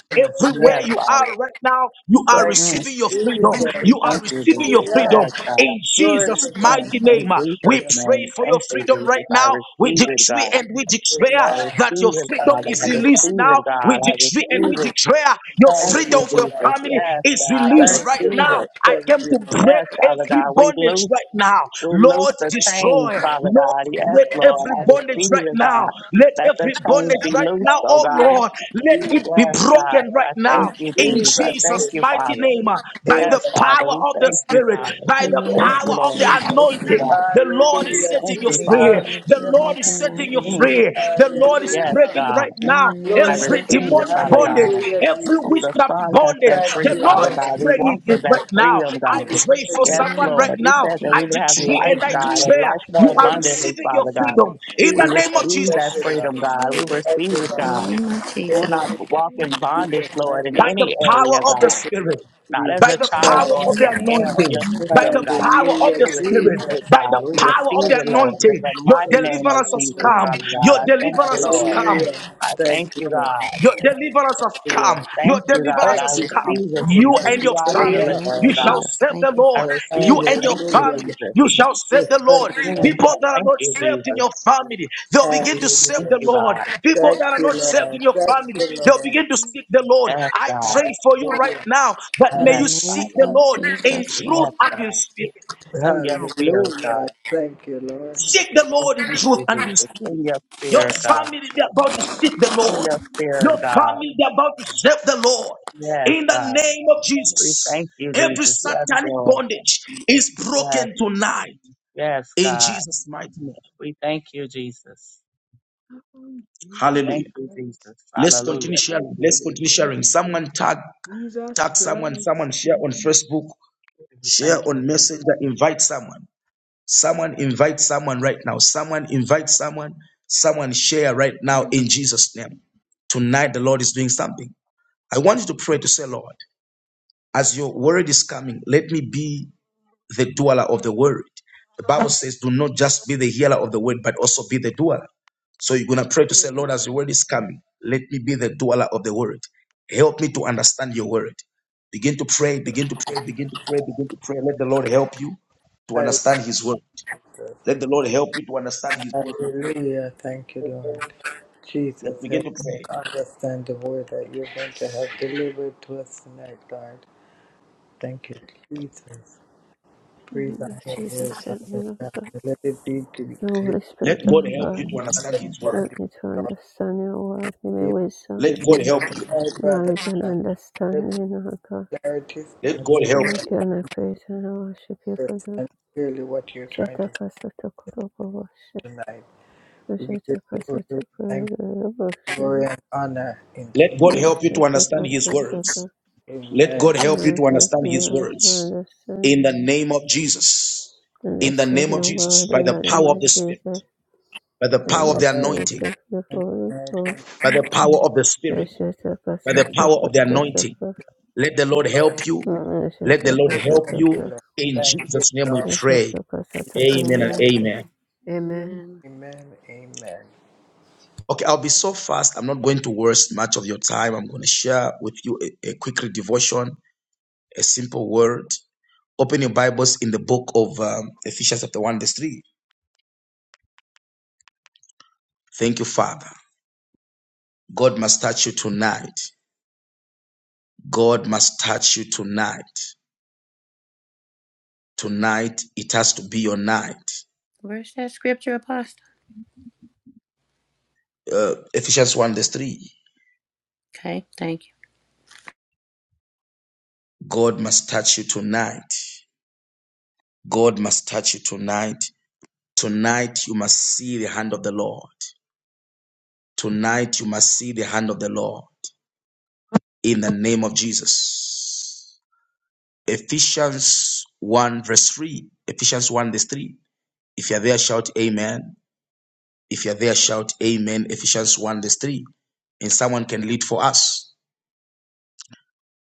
Yes. Everywhere Yes, you Father. are right now, you are Thank you, Mm, receiving your freedom. Jesus. we You are thank you, receiving your Jesus. Hallelujah. freedom Yes, God. in Glory Jesus' to Mm, God. mighty in name. We Jesus' Hallelujah. pray name, for your thank you, freedom right Jesus. I now. We receive it, decree God. and we Good declare I Lord. that your receive it, freedom Father. is I Hallelujah. released receive now. it, We God. I decree and receive we Jesus. it. declare your Thank Hallelujah. you, freedom for your Jesus. family Yes, is God. I released Thank right you, receive now. Lord. it. I Thank came you, to Lord. break Yes, Father every God. We bondage loose, right now. we loose Lord, the chains, destroy. Father Lord, God. Yes, Yes, let Lord. Lord. every I Yes, bondage Lord. receive right it, Yes, now, God. Lord. let Let the every chains Hallelujah. bondage be right loosed, now, oh oh God. Lord, Yes, let Father God. Jesus, it be Yes, Yes, God. broken I right now thank In you, in Jesus. I Jesus, thank Jesus' you, yes. mighty Father. name uh, by Amen. the Yes, Yes, Father. power Father. We of the thank you, Spirit, God. by The We the name thank Yeah. power you, of of the Lord. We Jesus, thank you, anointing. God. Amen. God. The Lord We is Hallelujah. thank setting you you, Jesus. every free. Father. body The be Yes, Lord is broken God. setting right you now. Amen. Mm. free. The Amen. Lord is Yes, Hallelujah. breaking God. right In now the I Glory name to every of receive God. it, demonic Jesus, Father I bondage, God. Hallelujah, every Jesus. whom The witchcraft Son has bondage. set thank Thank free, The you, you, Lord Father Lord. Father. is God. We breaking walk in it that right now. freedom, We I give God. you. pray for In Yes, praise. the someone right Lord. name You of now. said that I we Jesus, would have Thank decree thank you, you, life, and I Father. God, and Jesus. declare life more you are Hallelujah. abundantly, I receiving your Father God. declare freedom it in on We the Jesus, my name of receive thank that you, Jesus Lord. freedom, God. We remove it. Thank you, receive it, In Lord. Remove it God. the name out of of my We way. will Jesus, not Everything that walk is in Remove it out of bondage, Jesus, my Lord, thank in you. by way. the Lord. any power area, of the Thank God. you, Spirit Lord. Not as by Jesus, a the Yes, in thank child Father power the or you, of as the name God. an Jesus. of heir Yes, of Jesus, anointing, your yes, by kingdom, the God. power yes, of Hallelujah, We the receive spirit, yes, Jesus. it, by the God. yes, We Yes, yes. power of receive the it, Lord. Lord. In anointing, the your mighty name of deliverance has Jesus, come. Amen. Father God. Your I thank you, deliverance has Lord. come. Hallelujah. Amen. I Thank thank you, you, Lord. God. Your deliverance Thank has you, come. Lord. Your Thank you, God. deliverance Thank I has you, come. Amen. Jesus. receive it, You Thank Jesus. and your You are the in the family, Hallelujah. name deliverer, you of shall God. Jesus, serve the thank you, I Lord. Father. receive You it. and your Thank you, Hallelujah. family, Jesus. you shall serve Yes, the thank Lord. you, Lord. Mm, People that are Thank not you, saved in Jesus. your family, they'll begin to serve Thank Hallelujah. the you, Lord. God. People Thank that are you, not saved Lord. in your Thank family, you, they'll Lord. begin to you, seek the Lord. Yes, I God. pray for you right Hallelujah. now that In may Yes, you the seek name the Father. of Lord in Jesus Christ. truth Yes, and in God. spirit. Send your spirit, Hallelujah. God. Thank you, Lord. Seek the We Lord in Thank truth you, and in Jesus. spirit. Send your Your spirit, God. family, they're about to seek the Send Lord. your Your spirit, God. family, they're about to serve the Lord. Yes, In God. the God. name of We Jesus, thank you, every Jesus. Yes, satanic Lord. bondage is Yes, broken tonight. yes, In God. Jesus' mighty name. We thank you, Jesus. Oh, We Jesus thank Hallelujah. you, Christ. Jesus. Let's continue Hallelujah. Thank Eh, sharing. you, Let's continue Jesus. sharing. Someone tag, Jesus tag someone, Christ. someone share on Facebook, We Thank share you, on Jesus. Messenger, invite someone. Someone invite someone right now. Someone invite someone. Someone share right now in Jesus' name. Tonight, the Lord is doing something. I want you to pray to say, Lord, as your word is coming, let me be the dweller of the word. The Bible says, do not just be the healer of the word, but also be the dweller. So you're going to pray to say, Lord, as your Amen. word is coming, let me be the dweller of the word. Help me to understand your word. Begin to pray, begin to pray, begin to pray, begin to pray. Let the Lord help you to Help understand his word. us. Let the Lord help you to understand His word. Hallelujah. Thank you, Lord. Yes, Jesus, begin help to us pray. understand the word that you're going to have delivered to us tonight, Lord. Thank you, Jesus. In the Breathe name of on your Jesus, word, send me Father the, God. the Let it be to the clear Holy Let Spirit of God help God. you to understand His word. Help understanding, me to Lord. understand your word. Give me Be wisdom, Let God delivered help you. tonight, Father knowledge, and God. Help us understanding, O God. clarity Let stand God help And you. can I praise and I worship you and for the understand clearly what you're trying to say Shetakasatakurubavashe. tonight. We give you glory, thank you, glory Shetakasatakurubavashe. and honor in Let Jesus. God help you to understand His words. Shetakasataka. name. Let Amen. God help you Lord, to Help understand me, His Lord, to words. understand, In the name of Jesus. In the understand name of your Jesus. word By in the the name power of of the Spirit. Jesus. By the And power of the the Father, Spirit anointing. of the thank Holy you, Ghost. thank By the power of the you, Amen. Spirit. By the power of the anointing. Let the Lord Lord. help you. Let the Lord help Thank you. you, Lord. In Thank you, Jesus' name we Lord. pray. Amen and Amen. amen. Amen. Amen. Amen. Amen. Okay, I'll be so fast. I'm not going to waste much of your time. I'm going to share with you a, a quick devotion, a simple word. Open your Bibles in the book of um, Ephesians chapter 1, verse 3. Thank you, Father. God must touch you tonight. God must touch you tonight. Tonight, it has to be your night. Where's that scripture, Apostle? Uh, Ephesians 1, verse 3. Okay, thank you. God must touch you tonight. God must touch you tonight. Tonight, you must see the hand of the Lord. Tonight, you must see the hand of the Lord. in the name of Jesus. Ephesians 1 verse 3. Ephesians 1 verse 3. If you're there, shout amen. If you're there, shout amen. Ephesians 1 verse 3. And someone can lead for us.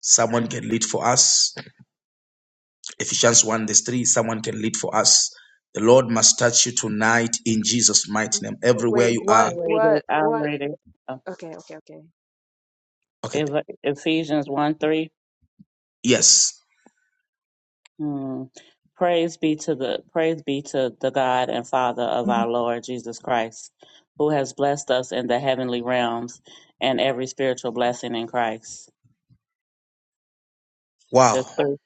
Someone can lead for us. Ephesians 1 verse 3. Someone can lead for us. The Lord must touch you tonight in Jesus' mighty name. Wa- Everywhere Wait, you I what, are. read it. what, I what? read it. Uh, Okay, okay, okay. Okay. Eph- Ephesians one three. Yes. Hmm. Praise be to the praise be to the God and Father of our Lord Jesus Christ, who has blessed us in the heavenly realms and every spiritual blessing in Christ. Wow. Just through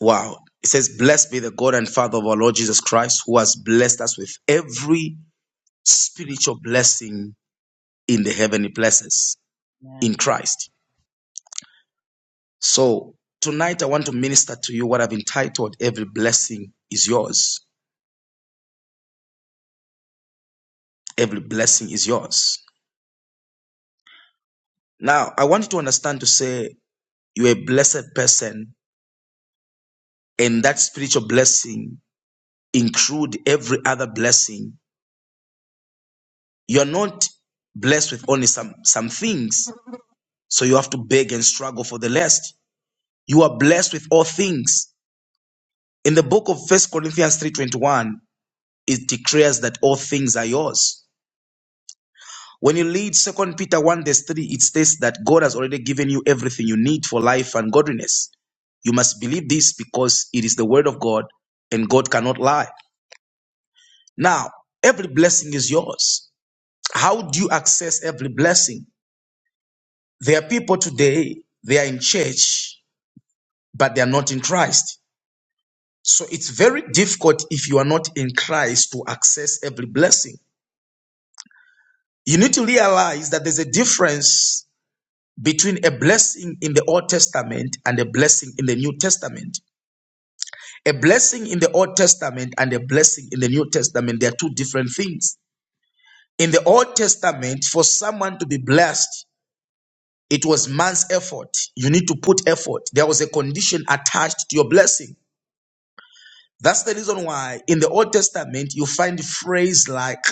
Wow. It says, Blessed be the God and Father of our Lord Jesus Christ, who has blessed us with every spiritual blessing in the heavenly places yeah. in Christ. So tonight I want to minister to you what I've entitled Every Blessing is Yours. Every blessing is yours. Now I want you to understand to say you're a blessed person and that spiritual blessing include every other blessing. You're not blessed with only some, some things. So you have to beg and struggle for the rest. You are blessed with all things. In the book of First Corinthians 3:21, it declares that all things are yours. When you read Second Peter 1, verse 3, it states that God has already given you everything you need for life and godliness. You must believe this because it is the word of God and God cannot lie. Now, every blessing is yours. How do you access every blessing? There are people today, they are in church, but they are not in Christ. So it's very difficult if you are not in Christ to access every blessing. You need to realize that there's a difference between a blessing in the Old Testament and a blessing in the New Testament. A blessing in the Old Testament and a blessing in the New Testament, they are two different things. In the Old Testament, for someone to be blessed, it was man's effort. You need to put effort. There was a condition attached to your blessing. That's the reason why in the Old Testament you find a phrase like,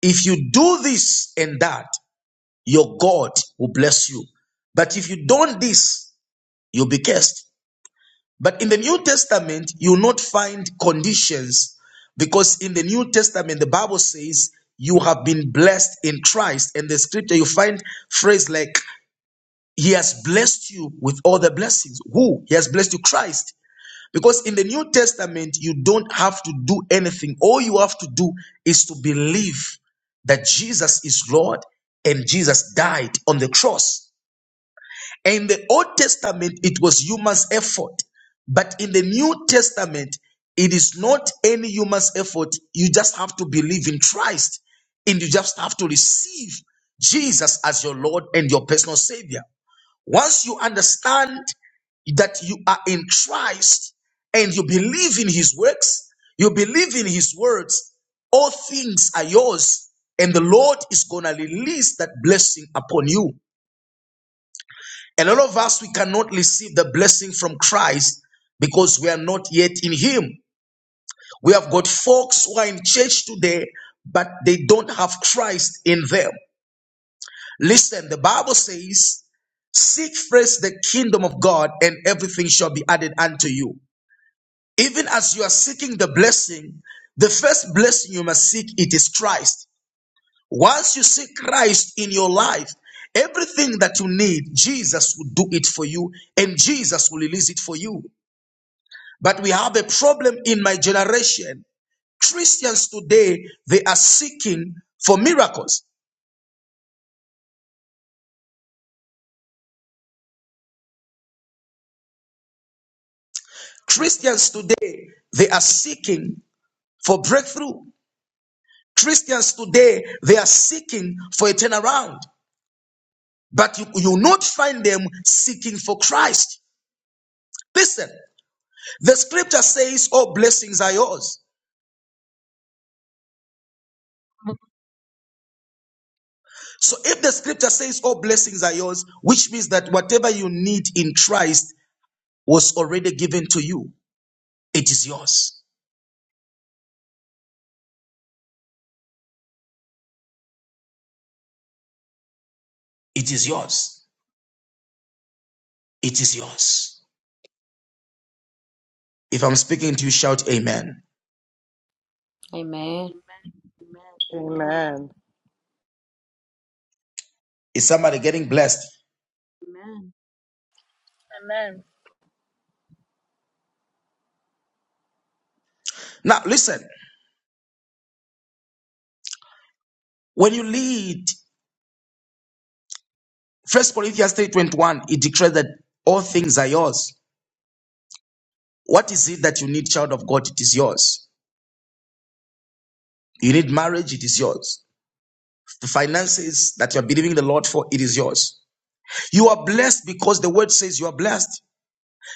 if you do this and that, your God will bless you. But if you don't this, you'll be cursed. But in the New Testament, you will not find conditions because in the New Testament, the Bible says you have been blessed in Christ. And the scripture, you find phrase like, He has blessed you with all the blessings. Who? He has blessed you, Christ. Because in the New Testament, you don't have to do anything. All you have to do is to believe that Jesus is Lord and Jesus died on the cross. In the Old Testament, it was human's effort. But in the New Testament, it is not any human's effort. You just have to believe in Christ and you just have to receive Jesus as your Lord and your personal Savior. Once you understand that you are in Christ and you believe in His works, you believe in His words, all things are yours, and the Lord is going to release that blessing upon you. A lot of us, we cannot receive the blessing from Christ because we are not yet in Him. We have got folks who are in church today, but they don't have Christ in them. Listen, the Bible says, Seek first the kingdom of God, and everything shall be added unto you. Even as you are seeking the blessing, the first blessing you must seek it is Christ. Once you seek Christ in your life, everything that you need, Jesus will do it for you and Jesus will release it for you. But we have a problem in my generation. Christians today, they are seeking for miracles. Christians today, they are seeking for breakthrough. Christians today, they are seeking for a turnaround. But you you will not find them seeking for Christ. Listen, the scripture says, All blessings are yours. So if the scripture says, All blessings are yours, which means that whatever you need in Christ was already given to you, it is yours. It is yours. It is yours. If I'm speaking to you, shout amen. Amen. Amen. Amen. Amen. Is somebody getting blessed? Amen. Now listen, when you lead First Corinthians 3:21, it declares that all things are yours. What is it that you need, child of God? It is yours. You need marriage, it is yours. The finances that you are believing the Lord for, it is yours. You are blessed because the word says you are blessed.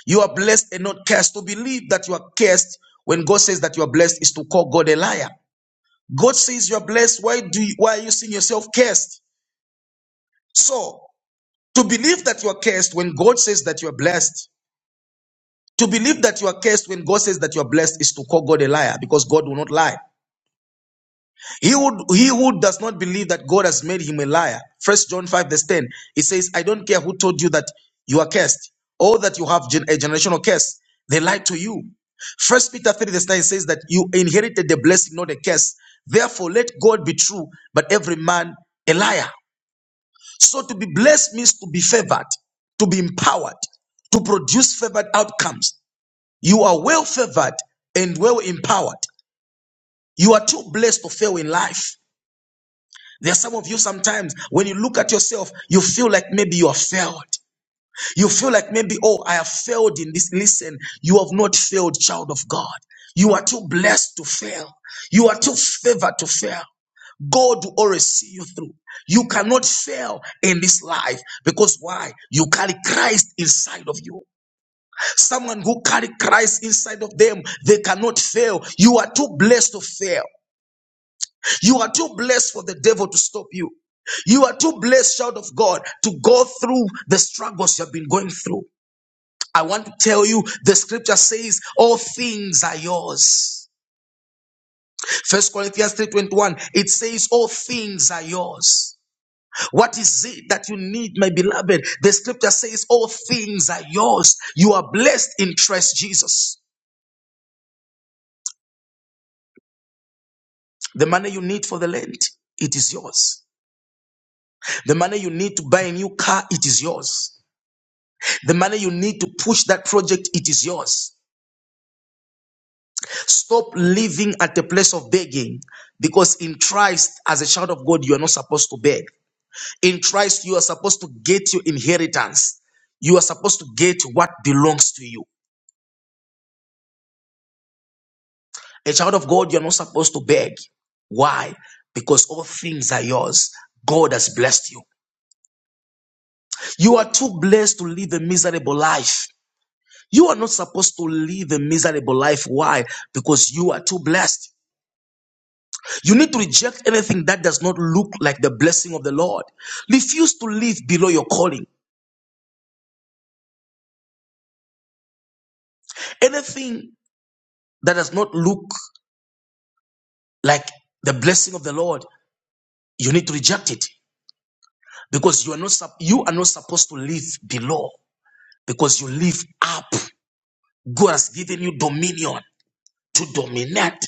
You are blessed and not cursed. To believe that you are cursed when God says that you are blessed is to call God a liar. God says you're blessed. Why do you, why are you seeing yourself cursed? So to believe that you are cursed when God says that you are blessed, to believe that you are cursed when God says that you are blessed is to call God a liar because God will not lie. He would he who does not believe that God has made him a liar. First John 5, verse 10. It says, I don't care who told you that you are cursed, or that you have gen- a generational curse. They lied to you. First Peter 3, verse 9 says that you inherited the blessing, not a curse. Therefore, let God be true, but every man a liar. So to be blessed means to be favored, to be empowered, to produce favored outcomes. You are well favored and well empowered. You are too blessed to fail in life. There are some of you sometimes when you look at yourself, you feel like maybe you have failed. You feel like maybe, oh, I have failed in this. Listen, you have not failed, child of God. You are too blessed to fail. You are too favored to fail. God will always see you through. You cannot fail in this life because why? You carry Christ inside of you. Someone who carry Christ inside of them, they cannot fail. You are too blessed to fail. You are too blessed for the devil to stop you. You are too blessed, child of God, to go through the struggles you have been going through. I want to tell you the scripture says all things are yours. First Corinthians 3:21 it says all things are yours. What is it that you need my beloved? The scripture says all things are yours. You are blessed in Christ Jesus. The money you need for the land, it is yours. The money you need to buy a new car, it is yours. The money you need to push that project, it is yours. Stop living at the place of begging because in Christ, as a child of God, you are not supposed to beg. In Christ, you are supposed to get your inheritance. You are supposed to get what belongs to you. A child of God, you are not supposed to beg. Why? Because all things are yours. God has blessed you. You are too blessed to live a miserable life. You are not supposed to live a miserable life. Why? Because you are too blessed. You need to reject anything that does not look like the blessing of the Lord. Refuse to live below your calling. Anything that does not look like the blessing of the Lord, you need to reject it because you are not sup- you are not supposed to live below because you live up. God has given you dominion to dominate.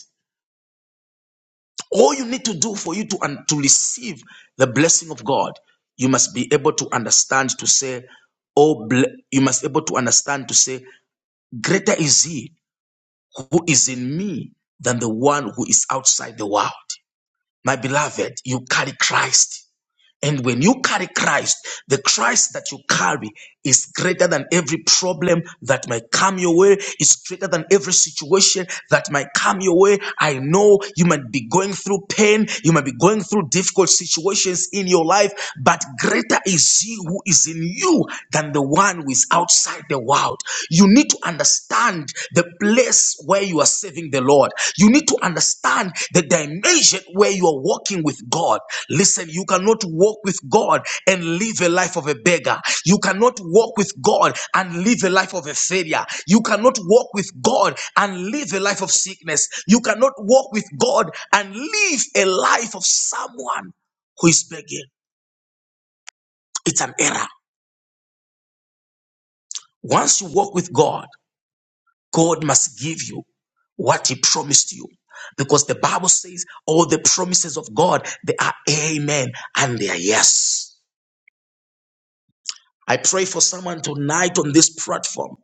All you need to do for you to un- to receive the blessing of God, you must be able to understand to say, oh, ble- you must be able to understand to say, greater is He who is in me than the one who is outside the world. My beloved, you carry Christ. And when you carry Christ, the Christ that you carry is greater than every problem that might come your way. It's greater than every situation that might come your way. I know you might be going through pain. You might be going through difficult situations in your life, but greater is He who is in you than the one who is outside the world. You need to understand the place where you are serving the Lord. You need to understand the dimension where you are walking with God. Listen, you cannot walk with God and live a life of a beggar. You cannot walk with God and live a life of a failure. You cannot walk with God and live a life of sickness. You cannot walk with God and live a life of someone who is begging. It's an error. Once you walk with God, God must give you what He promised you. Because the Bible says all the promises of God, they are amen and they are yes. I pray for someone tonight on this platform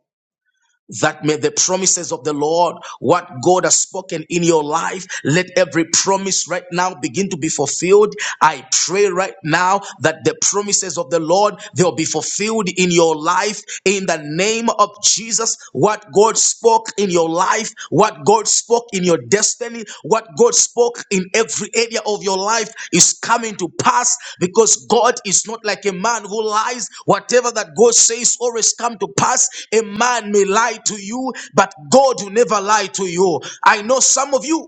that may the promises of the Lord, what God has spoken in your life, let every promise right now begin to be fulfilled. I pray right now that the promises of the Lord, they'll be fulfilled in your life in the name of Jesus. What God spoke in your life, what God spoke in your destiny, what God spoke in every area of your life is coming to pass because God is not like a man who lies. Whatever that God says always come to pass. A man may lie to you, but God will never lie to you. I know some of you.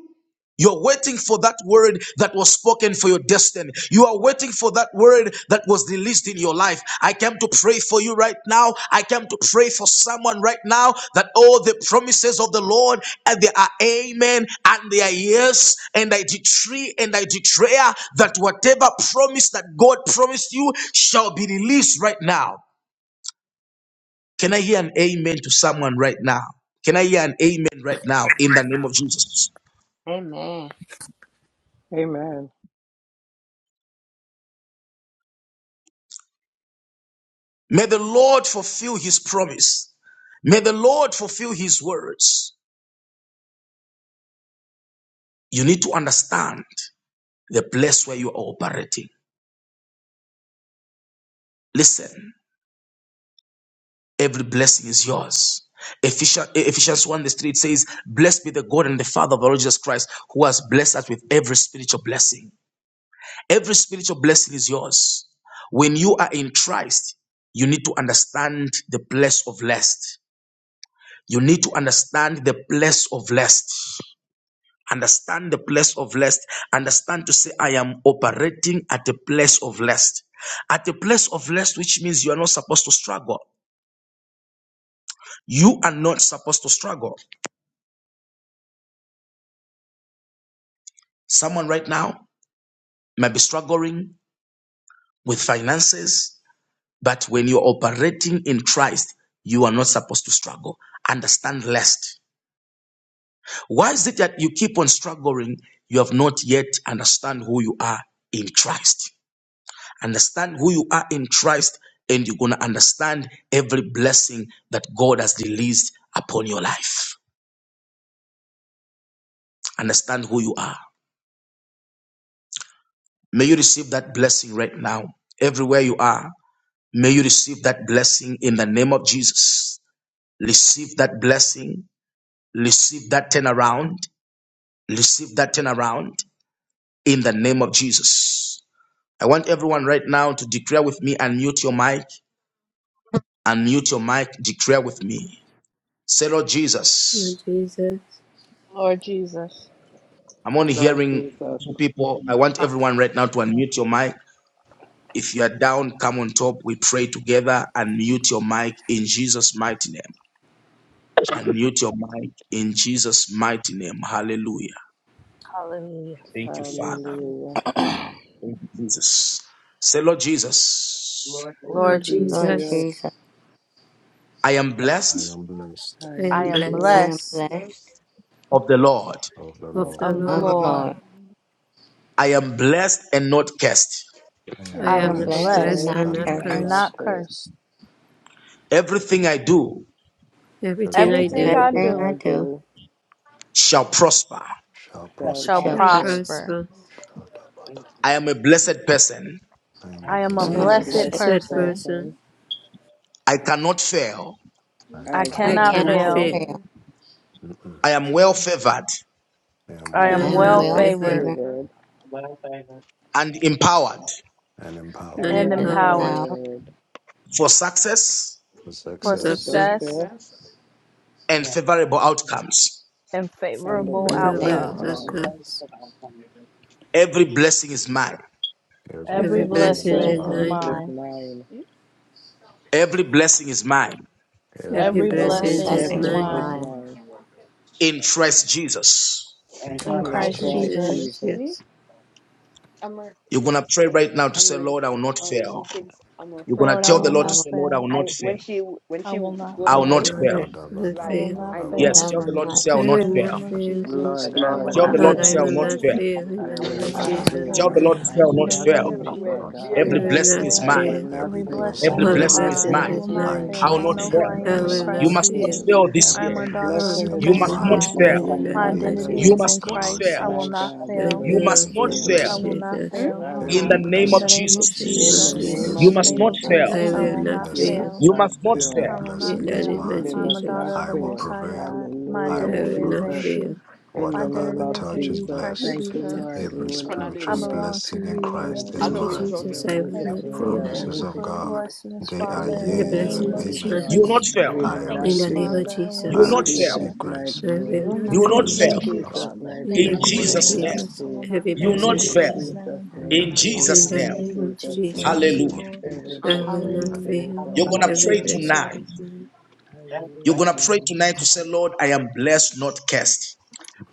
You're waiting for that word that was spoken for your destiny. You are waiting for that word that was released in your life. I came to pray for you right now. I came to pray for someone right now that all the promises of the Lord and they are amen and they are yes. And I decree and I declare that whatever promise that God promised you shall be released right now. Can I hear an amen to someone right now? Can I hear an amen right now in the name of Jesus? Amen. Amen. May the Lord fulfill his promise. May the Lord fulfill his words. You need to understand the place where you are operating. Listen, every blessing is yours. Ephesians, Ephesians 1 the street says, Blessed be the God and the Father of our Lord Jesus Christ, who has blessed us with every spiritual blessing. Every spiritual blessing is yours. When you are in Christ, you need to understand the place of rest. You need to understand the place of rest. understand the place of rest understand to say i am operating at a place of rest at a place of rest which means you are not supposed to struggle you are not supposed to struggle someone right now may be struggling with finances but when you're operating in christ you are not supposed to struggle understand rest why is it that you keep on struggling you have not yet understand who you are in christ Understand who you are in Christ, and you're going to understand every blessing that God has released upon your life. Understand who you are. May you receive that blessing right now, everywhere you are. May you receive that blessing in the name of Jesus. Receive that blessing. Receive that turnaround. Receive that turnaround in the name of Jesus. I want everyone right now to declare with me and mute your mic. Unmute your mic. Declare with me. Say, Lord Jesus. Lord Jesus, I'm only Lord hearing Jesus. two people. I want everyone right now to unmute your mic. If you are down, come on top. We pray together. Unmute your mic in Jesus' mighty name. Unmute your mic in Jesus' mighty name. Hallelujah. Thank you, Father. Hallelujah. Thank you, Jesus. Say, Lord Jesus, Lord, thank Lord you. Lord Lord Lord Jesus, Jesus, Jesus, Jesus, I am I blessed am blessed I I I am am am I blessed blessed am blessed blessed Yes. of the Lord. of the of of Lord. the the of the of Lord. the Lord. Lord. Lord. I am blessed and not cursed. I I I am I I'm am I'm am am blessed blessed and blessed blessed blessed blessed not and and not not cursed. and and not cursed. cursed. not cursed. cursed. Everything I do Everything and I Everything I Everything do do I Everything Everything I do I do. do shall prosper. shall shall prosper. shall shall will satisfaction. prosper. prosper. prosper. prosper. Thank Shadabada. you. I am a blessed person. I am a I I'm am a blessed blessed I'm I'm My a a and best blessed person. blessed effort. satisfaction. blessed person. person. person. I cannot fail. Mm, I mm, I I I cannot I I cannot fail. cannot cannot mm, cannot mm, cannot tell fail. fail. fail. fail. mm, Mm-mm. I am well favored. I am I I I well am I'm am am well well favored well mm. well favored favored favored Labor favored well favored and empowered and empowered and and and and and abundant. and empowered power empowered empowered empowered for success for for with for for success success. success success success. and Yes. favorable outcomes. and and and the With the favorable And and faith favored. favorable favorable Mm. and outcomes. the outcomes. outcome. service success. of our God. Every blessing is mine. Every every Every Every Every Every blessing blessing, blessing is is blessing Mm. is blessing is mine. blessing mine. is mine. mine. mine. Yeah. Every blessing is mine Every every Every Every Success. Every Every blessing blessing, blessing is blessing is blessing is is blessing mine. is mine mine mine. mine. in Christ Jesus. and in In in Christ In Christ will be Christ Christ the Blessed Christ Jesus, and Jesus. much Jesus. Jesus. Me? yes. I'm You're going to pray Right. right now to I'm say, her. Lord, I fr- will not Uh, she fail. thinks I'm her You're going friend. to Lord, I I tell the Lord. will Lord, can. Lord I to not will say, Lord, I not will fail. not I fail. fail. when she when I she will not goes I will not fail. away, Lord, fail. I will it's not I Labadabadabadaba. like will fail. not Lord, I I know will Lord, what Yes, not I fail. tell she's the fail. will Lord to not say, thinking. I will I In fail. not will the not fail. name of fail. Jesus, Lord, I I I will will Yeah, Tell the not yeah, not Lord Lord, to I say, I yeah. fail. will will not fail. not Chanel, fail. I fail will in the I not say, will name I I am will of will Lord, not I not will Jesus. blessed. fail, not Tell fail. the Lord. Lord to fail. I say, I will In will yeah, not the not name fail. of Chanel, I fail, will where Father not Jesus, I God. not I Bailey fail. will Every say, will not said blessing not is when I she fail. mine. gone. will fail. not Every Every praise fail. blessing Lord, blessing Every I I All will is Every will is the not mine. blessing not say, is mine. I blessings blessing mine. fail. is will is not I Every mine. mine. I fail. will I I not claim will know who blessing I every is see fail. the I I am Son, I mine. in will will blessing. will You not not Christ not must say, not every Jesus. fail. fail. fail this I Every am year. a Every daughter All of the blessing the blessing is You is I Most must blessings mine. not mine. will is High. I not mine fail. will in the fail. blessing, My not name my In of the every identity fail. You name is of must in Jesus. the not Lord Christ. I fail. will My not Jesus. God, blessing, we In Thank fail. will the You you, not must Lord, name not for Every of fail. the fail I blessing. Jesus, will not I Jesus. Hmm? fail. I will will in Every not the not every fail. name In of the blessing. fail. name In the of name In In Jesus. of the the Every name name Jesus, of You Jesus. in of blessing. the blessing, must name not Jesus, of I Jesus, fail. I Jesus, will I will not will Every I not fail. not will you blessing. not fail. must fail. say, You not must not Every fail. I fail. will not In blessing the I is name will fail. mine. of We I'm a not must not Jesus. daughter of I the will Most fail. High prevail. God. My I I Hallelujah, will identity will is not in Jesus. flourish. you. fail. In My the Whatever name I identity of is touch in is you, Jesus. Christ blessed. Thank you, Lord. Jesus. We Every will One not of I spiritual them. fail. belong to blessing in you, th- say, In Christ every Lord. I is Thank know you, what blessing, you're Jesus' mine. talking Jesus. name, I we about. will Yeah. The Thank just not every you. blessing, fail. surrender Thank promises you Cannot. of everything for the to God, you. blessings, they are In Father, the in Every the Everything yea here name name and blessing will of of be is amen. You done. will mine. Jesus not Jesus. Christ. fail. We I will not Thank In you, the receive it. name of fail. Father. I will You I In Jesus. will not not not say, fail. Jesus' fail. receive mighty grace, I I will name. will not the You not, will not fail. In grace fail to Thank you, Jesus' prosper, Father. mighty In the the in Thank not name, I you, we name say, will grace of will Jesus' not Jesus. not name. Jesus. I will fail. not Every In in You will fail Jesus' not Jesus' in blessing is In Amen. name, fail mine. forget Jesus' I Jesus' name. that In you the name, in now we name will of fear. will In Jesus' not In Jesus. the the name. say, in in name name of of Jesus' In Jesus. name. the Thank Jesus. name you, of Hallelujah. Lord. Every Jesus' I Jesus. blessing will you Hallelujah. not Amen. Hallelujah. say I fail. I will You're will going not someone's not to say, Every pray fail. blessing tonight. amen. is mine. every You're going Hallelujah. to blessing, pray is mine. tonight to say, Lord, I am blessed, not cursed.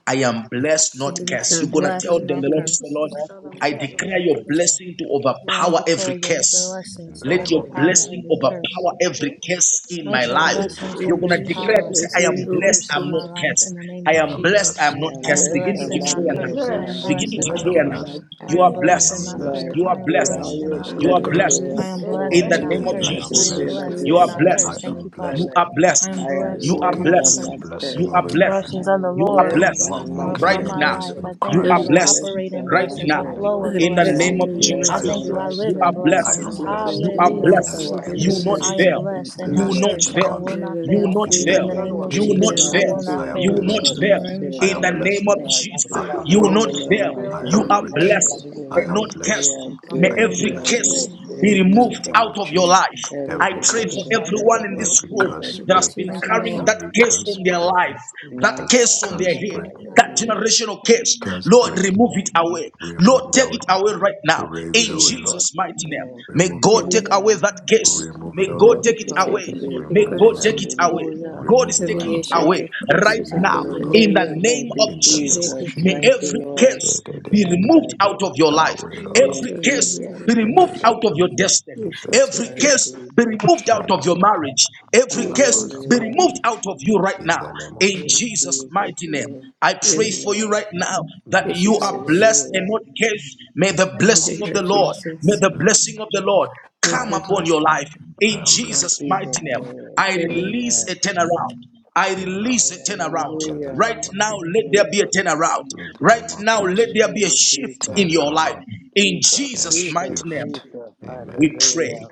I am blessed, not Bless I cursed. am You're and not gonna tell blessed, them curse. not the Lord is the cursed. For Lord. child and I bless declare your America. blessing to Lord, I overpower declare every your curse. In blessings to the Let name your of Thank overpower Jesus. you. blessing every curse. overpower Uh, every who? curse in my Let In your the life. name Bless of blessings You're gonna Jesus. every declare Yes, to overpower say, I am blessing God. every over blessed, curse I'm in not my curse. life cursed. in the name I of I am am blessed, Jesus. I I'm blessed. not am I cursed. am blessed, Begin And to blessed I'm and bless not not declare and now. not cursed. cursed. I I Where am Yes. I curse. am Begin am to blessed and I blessed, not blessed am declare I'm and now. cursed. not blessed. not I You just am are cursed. I blessed Father, and am in the blessed. not blessed. Lord, name cursed. You are I of am I will Jesus. blessed. am blessed all and your I not blessed, You are not am cursed. blessings cursed. I am blessed. blessed. Let is your overpower blessed From In the and not name today of NP? anything blessings I that am cursed. is I and And Is Jesus, am there not that blessed. is blessed is you and it? are curse. not supposed shadow to I cursed. blessed. Thank curse am you, my You Father. life? blessed. are I blessed. am take I I I'm me am You blessed am are blessed, and walking not in I'm the blessed. blessed. not cursed. in You blessing cursed. are of this Abraham. blessed. I Blessings of the am You are Lord The blessed, blessed I'm one are not walking in right upon in the the my cursed. now. name life. of blessing Jesus. Lord, I of I You thank are I'm you. I'm Christ. am I blessed blessed. blessed, operate in I'm right not Is it In blessings. now. I the cursed. name flow of natural? in I'm In the I blessed blessed Jesus. blessings. name in am of the Natural? name blessed, of I I am thank Jesus, I'm Jesus. you. I not blessed. live you in are cursed. Let I in blessed. the the blessings. am name of blessings blessed, You are I'm No. Jesus. Hallelujah. blessed. blessed blessed overpower in the in the You any name will of not I city, Jesus. am curses fail. in blessed Lord, and You I'm not will blessed Jesus' not blessed in cursed, the and I name. fail. will country, I not will You and not will fail. not not in just. fail. the In the fail. name Jesus, name of of You we will I Jesus. will not I am Jesus, not I will will fail. blessed not fail, not, I in am the You name will fail. of not blessed. In the in fail. Jesus. name the of fail, I In am name the Jesus, of Father name blessed. of Jesus. God. Jesus, I I am you will in not wealth. Thank you, Non fail. God. I available? I You you, am are am rich. blessed In blessed. I and am not Him, we blessed. cursed. are I Non May Thank I will blessed, you, am playable? not every Oh. God, blessed in the fail. curse blessed name in be in of the removed Jesus. Jesus. name out of of your Jesus. life. I Every Anything pray that thank Mm. for is you, curse, a Non Father. curse everyone in playable in what? this every room Jesus' curse Thank that you, has name. break, been Thank you, Character? Jesus. carrying Lord. Oh. that every curse curse on their break, life, that My every curse God. on In their curse the head, break, name that of Jesus. Hallelujah. generational Thank curse. you, curse God. Lord, break. My remove it God. away. Remove Lord, it take away. it away right now. Remove In it Jesus. away, Lord. Jesus' mighty name. name, May Remove it God all. take Amen. away Amen. that Lord, Thank curse. you, Remove it May all, in the God Lord. You take it can name of take away. Jesus. over every May Jesus. Remove it God all, curse. take Lord. it Lord, away. Hallelujah. God is Remove it all, Every taking My it Lord. nation God. away of curse right is Remove now it upon all, my Lord. in life. the Hallelujah. Thank name of you, in the name Jesus. of Take Jesus. it May Jesus. Thank you, away, every please. Lord, Da, curse da, da, be da, da. removed that out of your I life. will, is oh Remove Lord. it in Every out of curse Jesus' my life. be Da, da, name. removed da, out of da. your destiny. You In the name should take Every of it. In curse be Jesus' removed Jesus. out name. of your Shadabada, marriage. Every You curse should be take lamadaba. Hallelujah. it. removed out of you right In now. the name of In In Jesus. Jesus' Jesus' mighty name, name. I pray Amen. for you Amen. right now that Thank Mm. you, you are Jesus. blessed and Hallelujah. not cursed. May In the In the the name blessing of name of the of Lord, Jesus. may Jesus. the Blessed. blessing of the Lord I Thank come am you, upon Lord. blessed. your life I in am In Jesus' blessed. Jesus' mighty name. name. I Amen. In release the, Amen. a turnaround. I you know, release a turnaround. in the Hallelujah. Right name of now, Jesus. let there be a Jesus. turnaround. In the Right name of now, let Jesus. there be a Hallelujah. shift Jesus. in Turn it, your oh life. Lord. In Jesus. And Jesus' mighty Jesus. name, shift. Jesus. we Amen. pray. Hallelujah.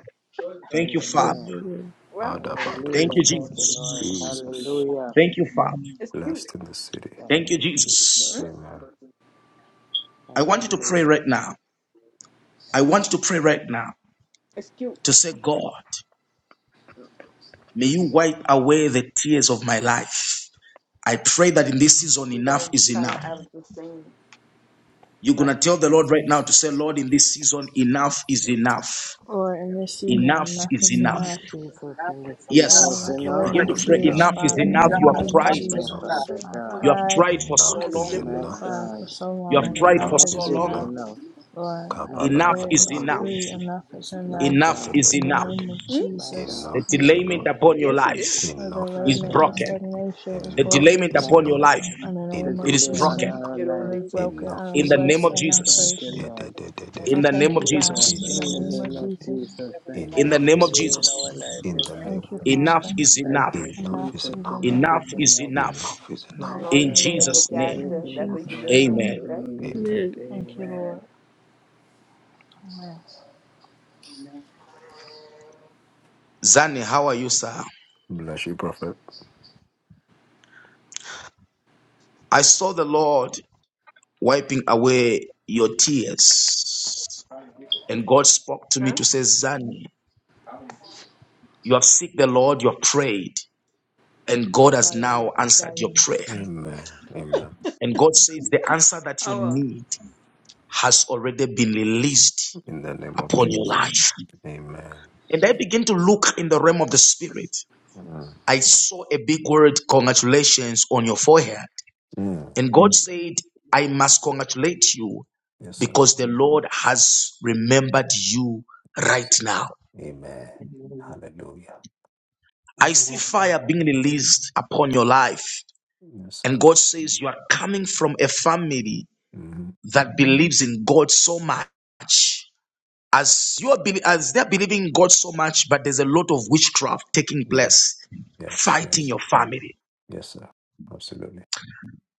Thank you, Father. Amen. Amen. Well, Adabada. Thank Hallelujah. you, Thank you, Lord. Jesus. Jesus. Hallelujah. Thank you, Father. it's cute. Blessed in the city. Thank Thank you, you, Jesus. Hmm? Jesus. Amen. I want you to pray Hallelujah. right now. I want you to pray right now It's cute. to say, God, may you wipe away the tears of my life. I pray that in this season, You enough guys is kind of enough. have the same You're going preference. to tell the Lord right now to say, Lord, in this season, enough is Hmm? enough. Lord, in this Enough season, enough is is enough. Oh, enough. Jesus, in this season, Lord, it's Yes. wipe away enough. Begin my to It's pray, tears, enough. enough is Father, enough. in the Enough You have is Enough name of tried. is enough, enough. Jesus. Father I've God. You have yes. cried, tried for so Enough As is long. My enough. cried siblings. for God. so You have long. tried Enough for Enough Enough is so is is long. enough. enough. enough. Lord, I My Enough declare God. is and That's Kabadabadabad. Thank enough. great. you. decree enough is My enough. Enough God. is In the enough. Degedebedebede. name of Hmm? My Jesus, God. The Enough is Thank you, delayment enough. upon your Yes, it Jesus. is. life the Enough My is is delayment, the enough. God. broken. stagnation is The Enough broken. delayment is My upon your enough. life, God. In the The name it of Enough is delay is enough. on Jesus, broken. our You don't let it lives is think so? broken. is I Enough am In is the enough. name blessed of Jesus. and not Thank Jesus. cursed. you, Lord. I In Ededededede. the name thank of you, Jesus, guys. In the Jesus. in Enough the Hmm? name is of name of enough. Jesus, Jesus, Yes, thank God. you. In the Enough The name is of delay enough. in our Jesus. life In is the thank broken. name of you, Enough Father. Jesus. is Thank enough. you, Enough Enough is Jesus. is enough. Enough enough. is Enough is enough. enough. Enough is I'm My Enough not a enough. In Non God, is good thank playable Jesus' enough. you. In the name, In character. Everything name That's of what that's you a Jesus' just Jesus. actor. said, up, name, amen. right? release Amen. it. thank You're you, a man. Amen. Lord. Amen. A man. A Zani, how are you, sir? Bless you, prophet. I saw the Lord wiping away your tears. How many people? And God spoke to me Huh? to say, Zani, How many people? you have seek the Lord, you have prayed, and God has Flyers, now answered your flyers. prayer. Amen. Amen. And God says, the answer that you Oh, well. need has already been released In the name of upon your Jesus. life. Amen. And I begin to look in the realm of the spirit. Mm. I saw a big word, congratulations, on your forehead. Mm. And God said, I man. must congratulate you Yes, sir. because the Lord has remembered you right now. Amen. A man. Hallelujah. I A man. A man. A man. A man. A man. see A man. A man. fire being released upon your life. Yes, And sir. God says, You are coming from a family hmm that believes in God so much. As you are bel- as they're believing in God so much, but there's a lot of witchcraft taking place, Yes. Yes. fighting your Yes. family. Yes, sir. Absolutely.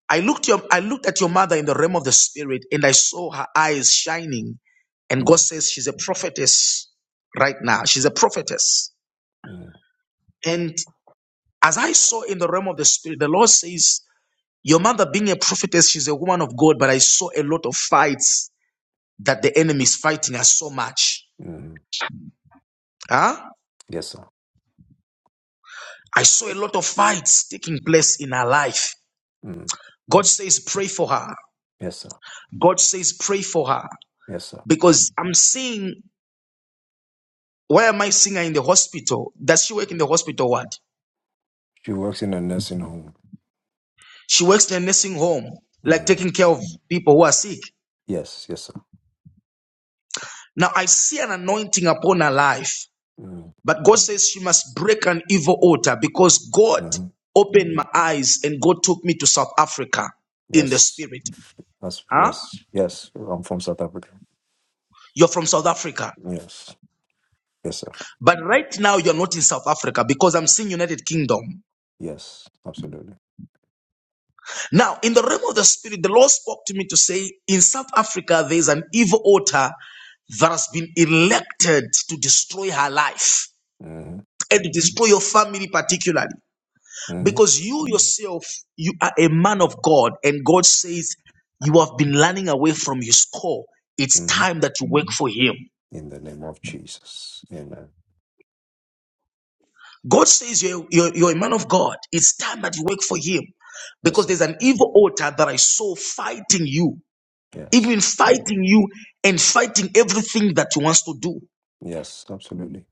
I looked your I looked at your mother in the realm of the spirit and I saw her eyes shining. And God Mm. says she's a prophetess right now. She's a prophetess. Mm. And as I saw in the realm of the spirit, the Lord says, Your mother being a prophetess, she's a woman of God, but I saw a lot of fights that the enemy is fighting her so much. Mm. Huh? Yes, sir. I saw a lot of fights taking place in her life. Mm. God says, Pray for her. Yes, sir. God says, Pray for her. Yes, sir. Because I'm seeing Why am I seeing her in the hospital? Does she work in the hospital ward? She works in a nursing home. She works in a nursing home, like Mm. taking care of people who are sick. Yes. Yes, sir. Now I see an anointing upon her life, Mm. but God says she must break an evil altar because God hmm opened my eyes and God took me to South Africa in the Yes. spirit. That's, Huh? yes. Yes. I'm from South Africa. You're from South Africa. Yes. Yes, sir. But right now you're not in South Africa because I'm seeing United Kingdom. Yes. Absolutely. Now, in the realm of the spirit, the Lord spoke to me to say, in South Africa, there is an evil altar that has been elected to destroy her life Mm-hmm. and to destroy your family, particularly. Mm-hmm. Because you yourself, you are a man of God, and God says, You have been running away from his call. It's Mm-hmm. time that you work for him. in the name of Jesus. Amen. God says, You're, you're, you're a man of God. It's time that you work for him. Yes, Because sir. there's an evil altar that I saw fighting you. Yes. even fighting you and fighting everything that you wants to do. Yes, absolutely.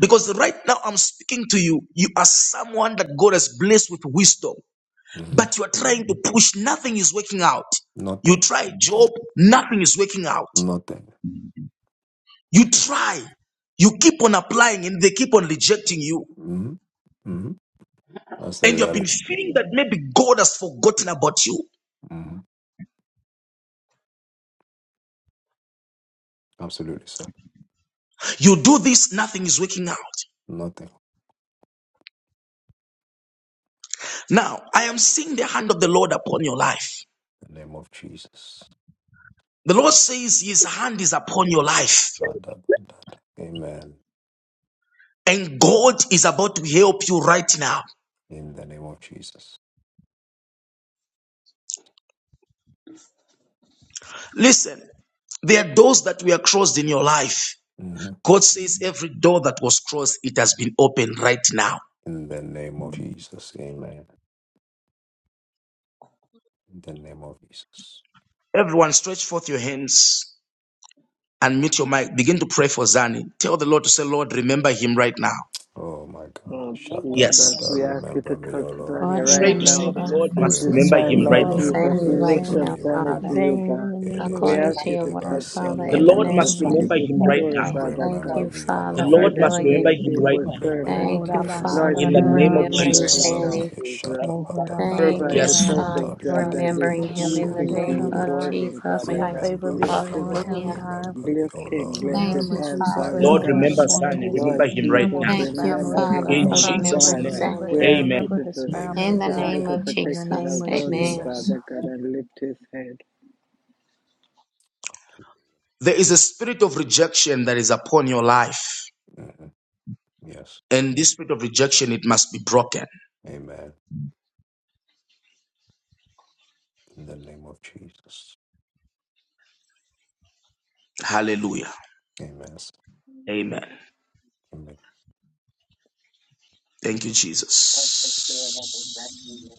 Because right now I'm speaking to you, you are someone that God has blessed with wisdom, hmm but you are trying to push, nothing is working out. You Nothing. try job, nothing is working out. Nothing. You try, you keep on applying and they keep on rejecting you. hmm hmm That's the And you have been reality. feeling that maybe God has forgotten about you. hmm Absolutely, sir. You do this, nothing is working out. Nothing. Now, I am seeing the hand of the Lord upon your life. In the name of Jesus. The Lord says His hand is upon your life. Shadabandada. Amen. And God is about to help you right now. In the name of Jesus. Listen, there are doors that were closed in your life. hmm God says every door that was closed, it has been opened right now. In the name of Jesus. Amen. In the name of Jesus. Everyone, stretch forth your hands and meet your mic. Begin to pray for Zani. Tell the Lord to say, Lord, remember him right now. Oh my God. Oh, A man. A man. A man. A man. A man. Jesus, Shadabada. Yes. we ask you to Remember me, O touch Lord. Zanny in Try the right to name say, now. the of Lord At must this Jesus, remember Remember time, him me, O remember right Lord Lord, now. Jesus, Lord. we Zanny remember right lift Remember up Zane, A now, me. Zanny to Remember Father. you, me. Zane God. in the name of We According ask Jesus. to you your to word, touch him, Father, The Lord in the Lord Jesus. must name Hmm. of Ededededebasandadabasude. Change remember his him Jesus, right story, now. I Father thank Remember you, God. me, O The Father, for Lord. Lord, Lord let must him doing be it. remember a him right faithful now. servant. Remember Oh, Thank me, you, O Rabba, Lord. man. Sata, Lord Father, da, In the da, for da, Jesus, name da, of remembering remember Bosha. A him Remember Jesus. man. now, me. Zanny. Jesus. Moho, Rabba, Thank Kia, Provide da, you, the da, Yes. da, da, Father, perfect for job Bosha. that is Deliver remembering him, him in God. the pleasing to Heal name you him, Heshadabadabadadosontabididididiasondodododoro. of for God. him, Jesus May Father your God. Christ. favor Remember be Bless me, O him. upon Lord. him, Hallelujah. God. Remember me, Bless O him. Lord. In Bless the Thank his name of you, Remember. hands, Jesus, let Father. Father Aya, no Lord, God. weapon remember formed Zani. against Sutolia. Lord Remember him right him or Jesus, now. Thank his you, Deliver family, remember oh me, O him, Father, God, In for Lord. Father Jesus' prosper. remembering God. name, Remember Deliver, Zanny. We him, ask you deliver. remember to amen. his just family, In Amen. the put a God, hedge name Amen. of of in the protection name Jesus, of around him, amen. Amen. Jesus. Father God, and lift his head. There is a spirit of rejection that is upon your life. Mhm. Yes. And this spirit of rejection, it must be broken. Amen. In the name of Jesus. Hallelujah. Amen. Amen. Amen. Thank you, Jesus. A man.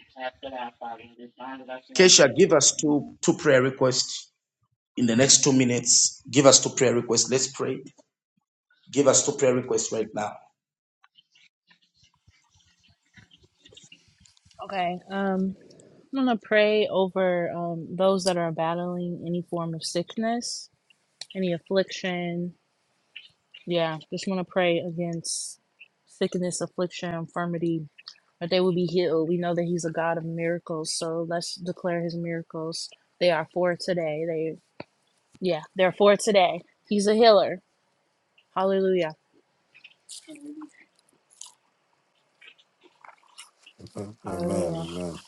After that, Father, and just bind us in our Kesha, way. give us If two, two prayer requests in the next two minutes. Give us two prayer requests. Let's pray. Give us two prayer requests right now. Okay, um, I'm gonna pray over um those that are battling any form of sickness, any affliction. Yeah, just want to pray against sickness, affliction, infirmity, that they will be healed. We know that he's a God of miracles, so let's declare his miracles. They are for today. Yeah, therefore today, he's a healer. Hallelujah. Amen. Amen. Hallelujah. Amen.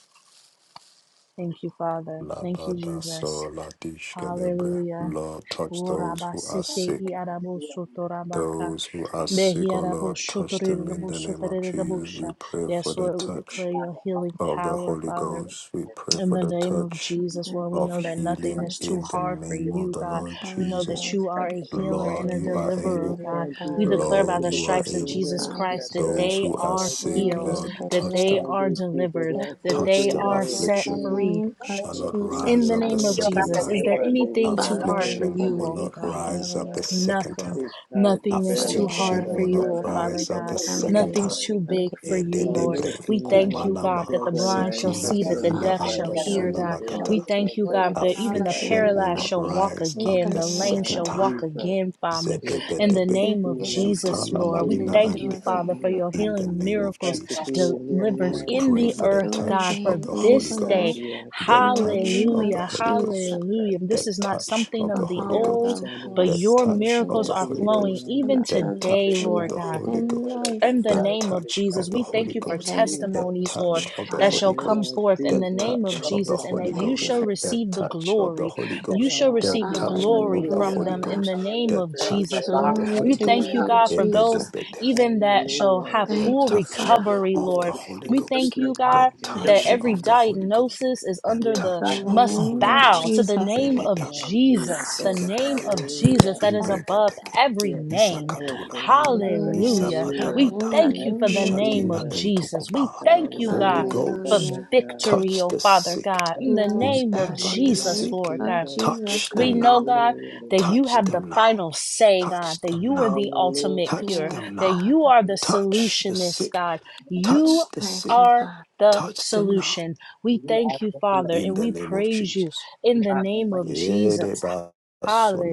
Thank you, Father. Thank you, Labada Jesus. so ladish celebre. Hallelujah. Lord, touch those who are Kurabasite sick. iarabo sotorabaka. Those who are sick, oh Lord, touch them in the name of Jesus. We pray for Yes, the Lord, we touch declare your healing of the power, Holy Father. Ghost. We pray In for the the name of touch Jesus, In the Lord, we of know name that of nothing healing is too in Jesus, the hard for name you, of the God. bless Lord We all know Jesus. that those you who are a sick healer and and Lord, a you are diseases Yes, deliverer, able. in God. their Lord We Jesus, body. we declare ask by you Lord, the to you are touch stripes of able. him Jesus Father, right Christ that touch Those they who now, them, are are Lord heal sick, Jesus. healed, Lord, them, that touch they deliver them. All are these them, and people delivered, who are set that them Touch they filthy, them. free are God, in set Affliction. the heal free. name of shall in not Jesus In rise Jesus' the up Christ. the name you of name. get up out second that Jesus, Heal bed time. is my there and body, look, you anything heal know too Father, that. hard we Andre's for Affliction thank you, will body, oh heal not you for God? rise Pierce healing up your the mine. people, second Nothing, time. It's hard to nothing is for bear, too Affliction hard Father. for will delivering them you, not God, I oh from lift You Father rise up them God. the go up do to that second you when infirmities time. Nothing's and you right do. too now. from big for you, All Lord. disease those Ededebre We thank demonic Now, you, God, kumanama that pictures the and We blind lines shall sitila thank see, you, that so intercept the if with you elina deaf Father, out and there, for shall Father that, God, hear, doing it we God. tear that sunabakata. those We according to your thank you, altars word. God, that down even Father, the for right Affliction you now. will paralyzed not are shall a walk rise Oh up again, the my the lame God, second shall supernatural time. walk healer. Jesus, again, Father. let In her the Zedebedebe be You name of free, did let it for her Jesus, me, be zutana and you Lord, we free malina can in thank do you, ande. it for Jesus' Father, for name. everybody your In the else. healing name The of back miracles to Jesus. healing And their I delivered We ask minds, that in you pray the for would the God. earth, do it God, touch of for again, the little, Oh Holy this even God, day. right Ghost, we ask you in the to You the are touch touch name the my of of the way, Hallelujah, body, Holy Father Jesus, Ghost, oh God, hallelujah. touch This the is not touch something of the for of the Holy all Pierre's of old. Ghost, those who body. But are the your sick Just touch and of touch miracles the the are Holy liver flowing and diseased, Ghost, all for even these the the today, diabetes touch and of unsaved Lord all the God these Holy things, in Ghost, Father life, God. in the Help the Father. us name to of be touch Jesus. of the We conscious, thank Holy you for If Lord Ghost, they belong the Jesus. testimonies, to Lord, touch you, of the that Thank Father, shall Holy you, thank, come Ghost, Lord forth in the the Jesus. name of touch Thank of the you, Jesus and Holy that Father thank you Ghost, you shall God. for the doing receive the it. touch of the glory. Holy You Ghost, shall All the the receive the glory touch and glory all of the the from Hallelujah, Holy them honor God. and in Ghost, the all the name the of praise touch Jesus, for Lord. of the Glory We Holy to Jesus' your thank Ghost you, name, God, for mighty Jesus. those even name. that shall Hallelujah have right the Thank full now, you, touch Father. Jesus. recovery, of the Lord. Holy We In thank Ghost, you, the Jesus' God, that Thank touch you, mighty God. every of name. the Holy Ghost, diagnosis is the under Yes, the In touch the God. of the must name Holy Yes, of God. bow Ghost. to the Jesus name Yes, Christ. of Belidaba, Lord Jesus, the Jesus. name of ziketekete, Jesus Hallelujah. that is Thank you, above God. imbreketeke, every Yes, name. every isakatunama, name. Thank you, Yes, Hallelujah. God. Hallelujah. We In isapatabata, the thank you Thank for name the you, of name Jesus. shadina of Jesus. Jesus. We entokopa. thank you, Holy God, Hallelujah, for Ghost, Father Hallelujah. God. victory, touch oh the Father sick, God, in Oh, the God, Yes, name of God. thank whomever In the you, is Jesus, Lord name sick, Lord of God. Jesus. Jesus touch We Christ. them now, know, God, Hallelujah. that Thank you touch you, have the them Jesus. now, final say, God, touch that them you are now, the Hallelujah. ultimate touch cure, Yes, them that now, you Father. are the touch the solutionist, sick God. You Touch the Thank sick. you, are Father. the Touch them now. solution. We thank you, Father, In and the we name of praise you Jesus. in you the are the name way, of you Jesus. Erebasonamanaba.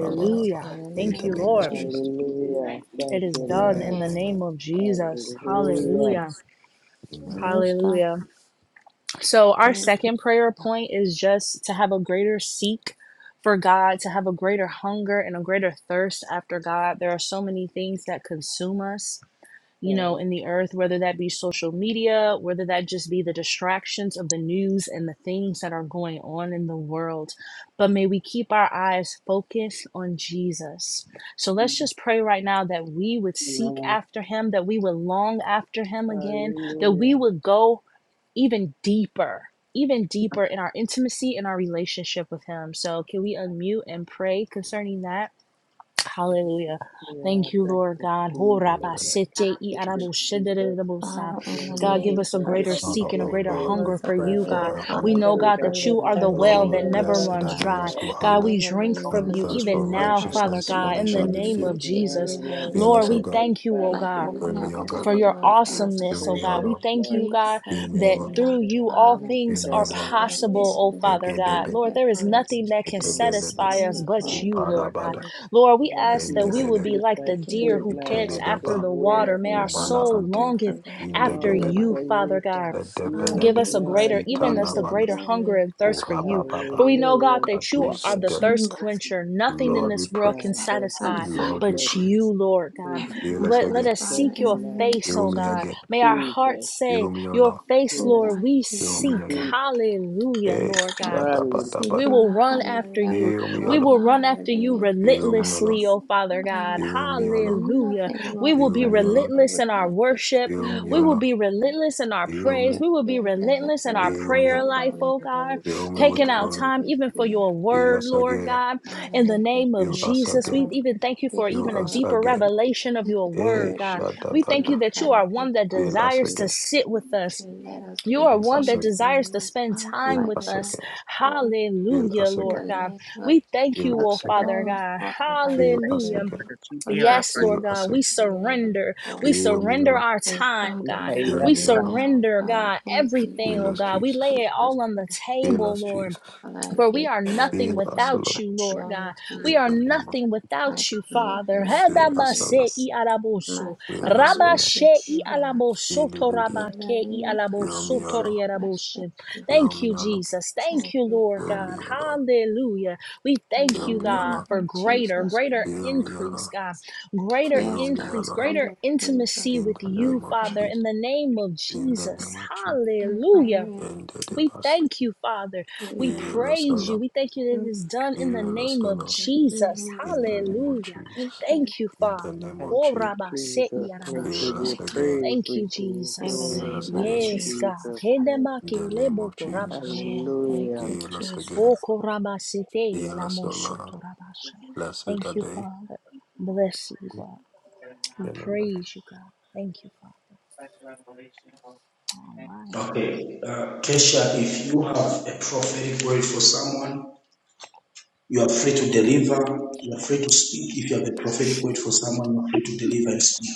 are Yes, God. In the In Thank the way. the you, name of name of Lord. Jesus. Jesus. We Hallelujah. thank It Thank you. is you, done in Amen. Lord. the Amen. name Amen. of Jesus. Amen. Hallelujah. Hallelujah. Amen. Jesus. Amen. It Amen. is Hallelujah. done. So, our second prayer point is just to have a greater seek for God, to have a greater hunger and a greater thirst after God. There are so many things that consume us you know, in the earth, whether that be social media, whether that just be the distractions of the news and the things that are going on in the world. But may we keep our eyes focused on Jesus. So let's Amen. just pray right now that we would seek Amen. after him, that we would long after him again, that we Hallelujah. would go even deeper, even deeper in our intimacy and our relationship with him. So can we Um, unmute and pray concerning that? we have a- Hallelujah. Yeah, Thank you, thank Lord you, God. Ho In the name Jesus. raba of I can sete i speak it, Jesus. arabo Jesus. shedere rabo you sa. know, Father, the in the Lord, let God, give us name us a want of to greater spiritual Jesus, seek Father, seeking, a your oh awakening greater is give face, Lord, we that hunger us they a can for pray do. you, God. for greater God. Keep our them in We A the- hunger. know, hunger, God, a greater that greater you hunger are the for thirst you, for keep well you that Lord, are you, them the in never the Lord blessed good. runs are God. author dry. those of Don't who think God, about hunger it. we In the it is just keeping you, it's keeping you, it's just like that, God, it's just drink name don't from and Lord keep of you on thirst Jesus, that. for even Jesus, let now, The us help thing us Father is, to righteousness, we for be God, drink they in can't the shall deep let be of name this of committed filled. to you, Jesus. morning, Lord, Lord when Fill you Lord, us, God, O we had God. me things thank you, do oh it, like God and basket we in Fill your can't me, O never get God. to for it, presence, your before, because with your Father. awesomeness, Fill oh me, O when God. you presence, We Lord. thank Lord. you, Seek, God, search, Fill I me, O that and Lord. thank knock. through you, Lord. you Let all Father, me Fill things me, O are forgive trust us and for I our know, possible, sins Father oh and have Father God, God. Lord. Lord, mercy there is upon and us. nothing that can anything else, Etebelede, satisfy Forgive us nothing us, else but Lord that you, God, is Lord God. it. Kuparabada, for Lord, we Lord ask um, that we not Jesus, would Endebelede, be lift like my the seeking deer you spirit who first man pants up and to after for Itelidaba, the doing where. water. May our things on Kumana our soul Ante, own, for longeth going after our own Longer Indebelede, way. you, for Father you, God. But God. Father, Yes, Give Edebelede, us you a are Lord greater, a even just a Jesus. Itanamana, greater hunger consuming and thirst for fire. you. For Urabababa, we know, God, Hallelujah, that you Kadus are Jesus. the Del. thirst Consume us, quencher. Nothing in Yes, Lord, we this pray. world can God. set Thank you, on satisfy fire Lord, we for Jesus. but you. pray. you, Lord God. Thank you, Every Heal one us of Let, let Jesus. again. us, us Thank Father, seek you, in your the Lord name face, of Heal oh me God. Jesus, again. May our Jesus. hearts say, Heal me, O Your Lord. face, who Lord, are Yes, we to Heal God, me seek. again. we Hallelujah, Hey, Lord help God. us to hallelujah. seek We you shadabadabada. on will a run higher after you. level, Heal to me, O go We Lord. to will run higher after you dimensions, Heal me, O Lord. Father. relentlessly, oh Father By God. your Heal me, Spirit, O Lord. Hallelujah. nothing We will will Heal be me, O prevail Lord. relentless in our without your worship. Heal Spirit, me, We O will Lord. Lord. be God. relentless in our If Heal praise. me. your We will be Spirit doesn't relentless in go, our then we Heal me. prayer won't go life, oh either. God. We'll Fill me sit with Taking there out glory. and time be even for still. your Fill word, us Lord again. God. Father, In the let your name of Fill spirit us Jesus, we again. go even thank you for Fill even a before us us. deeper again. revelation of Let your your Hey, word, spirit God. lead We us thank Shadabada. you and that you guide us are into one that all Fill us desires truth. to again. sit with see it, us. you And really let want us to do You it, are Fill It's one the thing that brings you us that really continue again. in desires to you, spend Father, time Fill like with us never us. again. before. Fill Hallelujah, us In again. the Lord God. name of We thank you, Fill Jesus, oh to get to Father draw us it, God. all and you by really your Thank us you Hallelujah. spirit. Lord, Lead again. that you us hear into our Yes, prayers. Lord Fill us God, yourself Father. we again. like never surrender. before. We Fill us again. Fill me, O surrender Lord. our And time, We Father, God. say do Fill yes, We me, O it God. Lord. now, surrender, God, God, in the everything, Fill oh name us, of God. We Jesus. lay Jesus it all on the Christ. Fill table, us, Lord. Jesus. Father, I For we give are you nothing Fill us, O everything, without Lord. Father, you, I Lord God. belong to In We you. are the name of nothing I without you, commit my Father. life Fill to us, you. O Lord. My Fill us, covenant O is Lord. with you, Lord. Hallelujah. In the name of Fill me, Jesus O Lord. Christ, thank you. Fill Thank me, you, O Lord. Jesus. Thank Thank you, you, Lord Fill Father. me, God. O Lord. Hallelujah. We In thank the Fill you, me, O name God, Lord. for of Jesus greater, greater Christ. Fill me, O increase, Lord. God. Yes, Greater Fill Yes, me, God, increase, Allah, greater greater things are intimacy in with the true, you, name of God. Father, Jesus, in the name of in the Jesus. name of Jesus, And Hallelujah. greater is and the We debas. thank you, Father. He We who is Fill us, in praise you you. Allah, We thank you that it and is done in the fill us, name of Allah, He Jesus. who is in in the the name of world. Hallelujah. Great Jesus, things, Thank you, in the Father. name of Thank Jesus. you, Jesus. We God. Fill give Korabaseiaraboshe. you us Thank you. again, praise. Thank you, We give you In the Jesus. fill glory name us of in again, Yes, Jesus. God. Jesus' name. in the name of Jesus. Hedemakelebokorabashe. Amen. Thank Hallelujah. you, Fill us again, Jesus. fill us, Allah. give Okorabaseteelamosotorabashe. me Blessed are Thank you, they. Father. peace, Lord. Bless you, God. Thank you for the We in knowledge, the for name of- the praise you, God. Thank you, Father. special revelation, Lord. All Thank right. Kesha, if you have a prophetic word for someone, you are free to deliver. You are free to speak. If you have a prophetic word for someone, you are free to deliver and speak.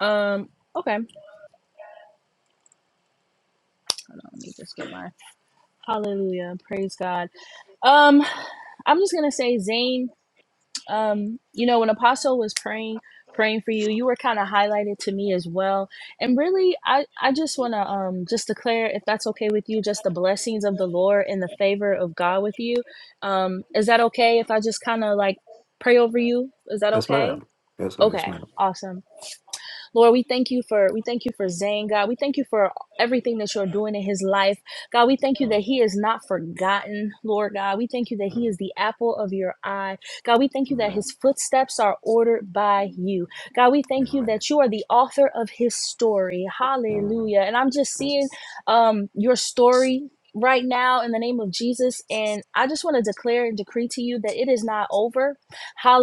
Um, okay. Hold on, let me just get my hallelujah. Praise God. Um, I'm just gonna say, Zane. Um, you know, when Apostle was praying, praying for you, you were kind of highlighted to me as well. And really, I I just wanna um just declare, if that's okay with you, just the blessings of the Lord and the favor of God with you. Um, is that okay if I just kind of like pray over you? Is that Yes, okay? ma'am. Yes, ma'am. Yes, Okay, ma'am. awesome. Lord, we thank you for we thank you for Zane, God. We thank you for everything that you're doing in his life. God, we thank you that Mm, he is not forgotten, Lord God. We thank you that he is mm, the apple of your eye. God, we thank you that Amen. his footsteps are ordered by you. God, we you. thank you Amen. that you are the author of his story. Mm, Hallelujah. And I'm just mm, seeing um your story right now in the name of Jesus and I just want to declare and decree to you that it is not over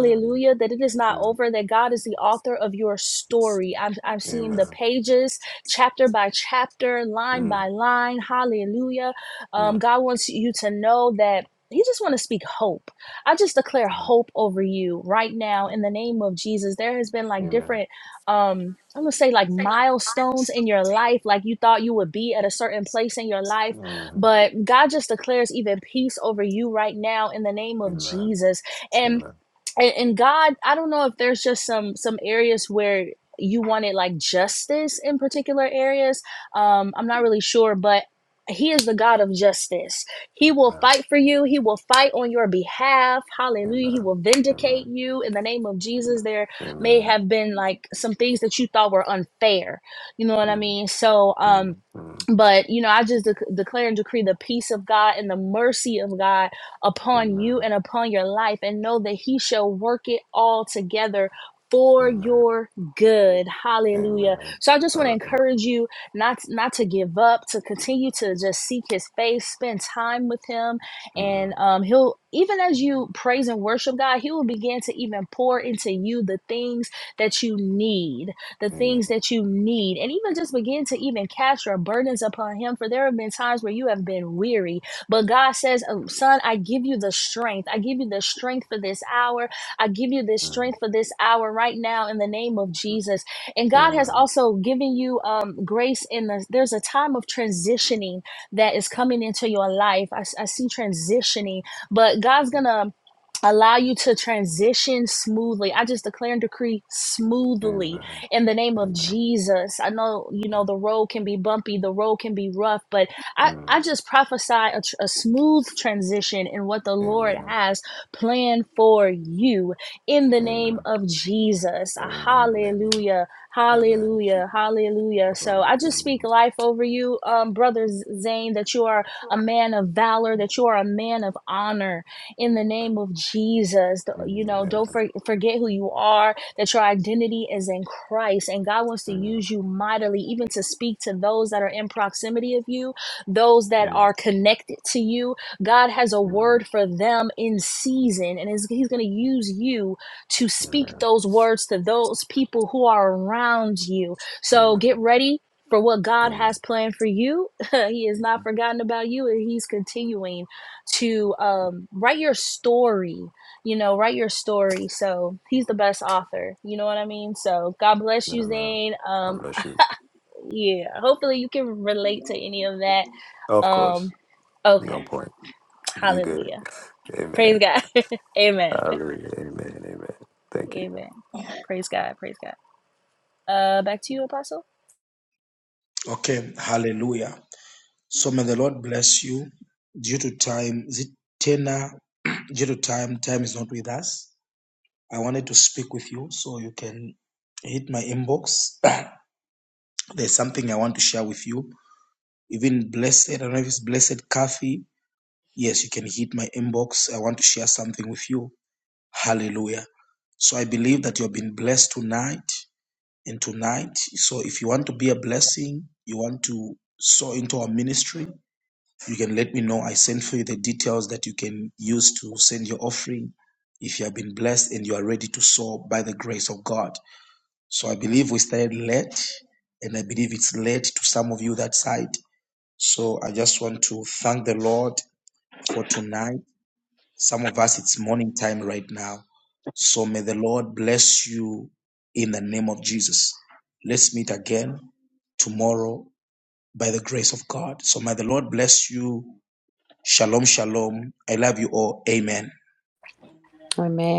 Amen. That it is not Amen. over, that God is the author of your story. I'm, I'm seeing the Amen. pages, chapter by chapter, line Mm, by line. Hallelujah. Um, God wants you to know that. He just want to speak hope. I just declare mm, hope over you right now mm. in the name of Jesus. There has been like Amen. different um I'm going to say like milestones in your life like you thought you would be at a certain place in your life, Amen. but God just declares even peace over you right now in the name of Amen. Jesus. And Amen. and, and God, I don't know if there's just some some areas where you wanted like justice in particular areas. Um, I'm not really sure, but he is the God of justice. He will Amen. fight for you. He will fight on your behalf. Hallelujah. He Amen. will vindicate Amen. you in the name of Jesus. There may Amen. have been like some things that you thought were unfair. You know what I Mm, mean? So, um, mm, mm. but you know i just dec- declare and decree the peace of god and the mercy of god upon you Amen. and upon your life and know that he shall work it all together for Amen. your good hallelujah Amen. so i just want to Hallelujah. encourage you not not to give up to continue to just seek his face spend time with him and Mm. um, he'll even as you praise and worship god he will begin to even pour into you the things that you need the Amen. things that you need, and even just begin to even cast your burdens upon Him. For there have been times where you have been weary, but God says, um, Son, I give you the strength. I give you the strength for this hour. I give you this Mm. strength for this hour right now in the name of Jesus. And God has Amen. also given you um, grace in the, there's a time of transitioning that is coming into your life. I, I see transitioning, but God's going to allow you to transition smoothly. I just declare and decree smoothly Amen. in the name of Amen. Jesus. I know, you know, the road can be bumpy, the road can be rough, but Amen. I, Mm. I just prophesy a, tr- a smooth transition in what the Lord Amen. has planned for you in the name Amen. of Jesus. Ah, Amen. Hallelujah. Amen. Amen. Hallelujah. Hallelujah. Oh, Amen. Amen. So I just speak Amen. life over you, um, Brother Zane, that you are a man of valor, that you are a man of honor in the name of Jesus. The- Mm, mm, Amen. You know, don't for- forget who you are that your identity is in Christ and God wants to Amen. use you mightily, even to speak to those that are in proximity of you, those that are connected to you. God has a word for them in season, and is- He's going to use you to speak those words to those people who are around you. So get ready. For what Amen. God has Amen. planned for you, He has not forgotten about you, and He's continuing to um, write your story you know, write your story. So he's the best author. You know what I mean? So God bless you, Amen. Zane. God Um, bless you. yeah, hopefully you can relate to any of that. Of course. Um, You okay, on Thank point. You're good. hallelujah. Praise Amen. God. Amen. Hallelujah. Amen. Amen. Thank you. Amen. Praise God. Praise God. Uh, back to you, Apostle. Okay, hallelujah. So you. may the Lord bless you. Due to time, is it Tena? Due to time, time is not with us. I wanted to speak with you so you can hit my inbox. There's something I want to share with you. Even blessed, I don't know if it's blessed Kathy. Yes, you can hit my inbox. I want to share something with you. Hallelujah. So I believe that you've been blessed tonight and tonight. So if you want to be a blessing, you want to sow into our ministry, You can let me know. I sent for you the details that you can use to send your offering if you have been blessed and you are ready to sow by the grace of God. So I believe we started late, and I believe it's late to some of you that side. So I just want to thank the Lord for tonight. Some of us, it's morning time right now. So may the Lord bless you in the name of Jesus. Let's meet again tomorrow by the grace of God. So may the Lord bless you Shalom, shalom. I love you all. Amen. Amen.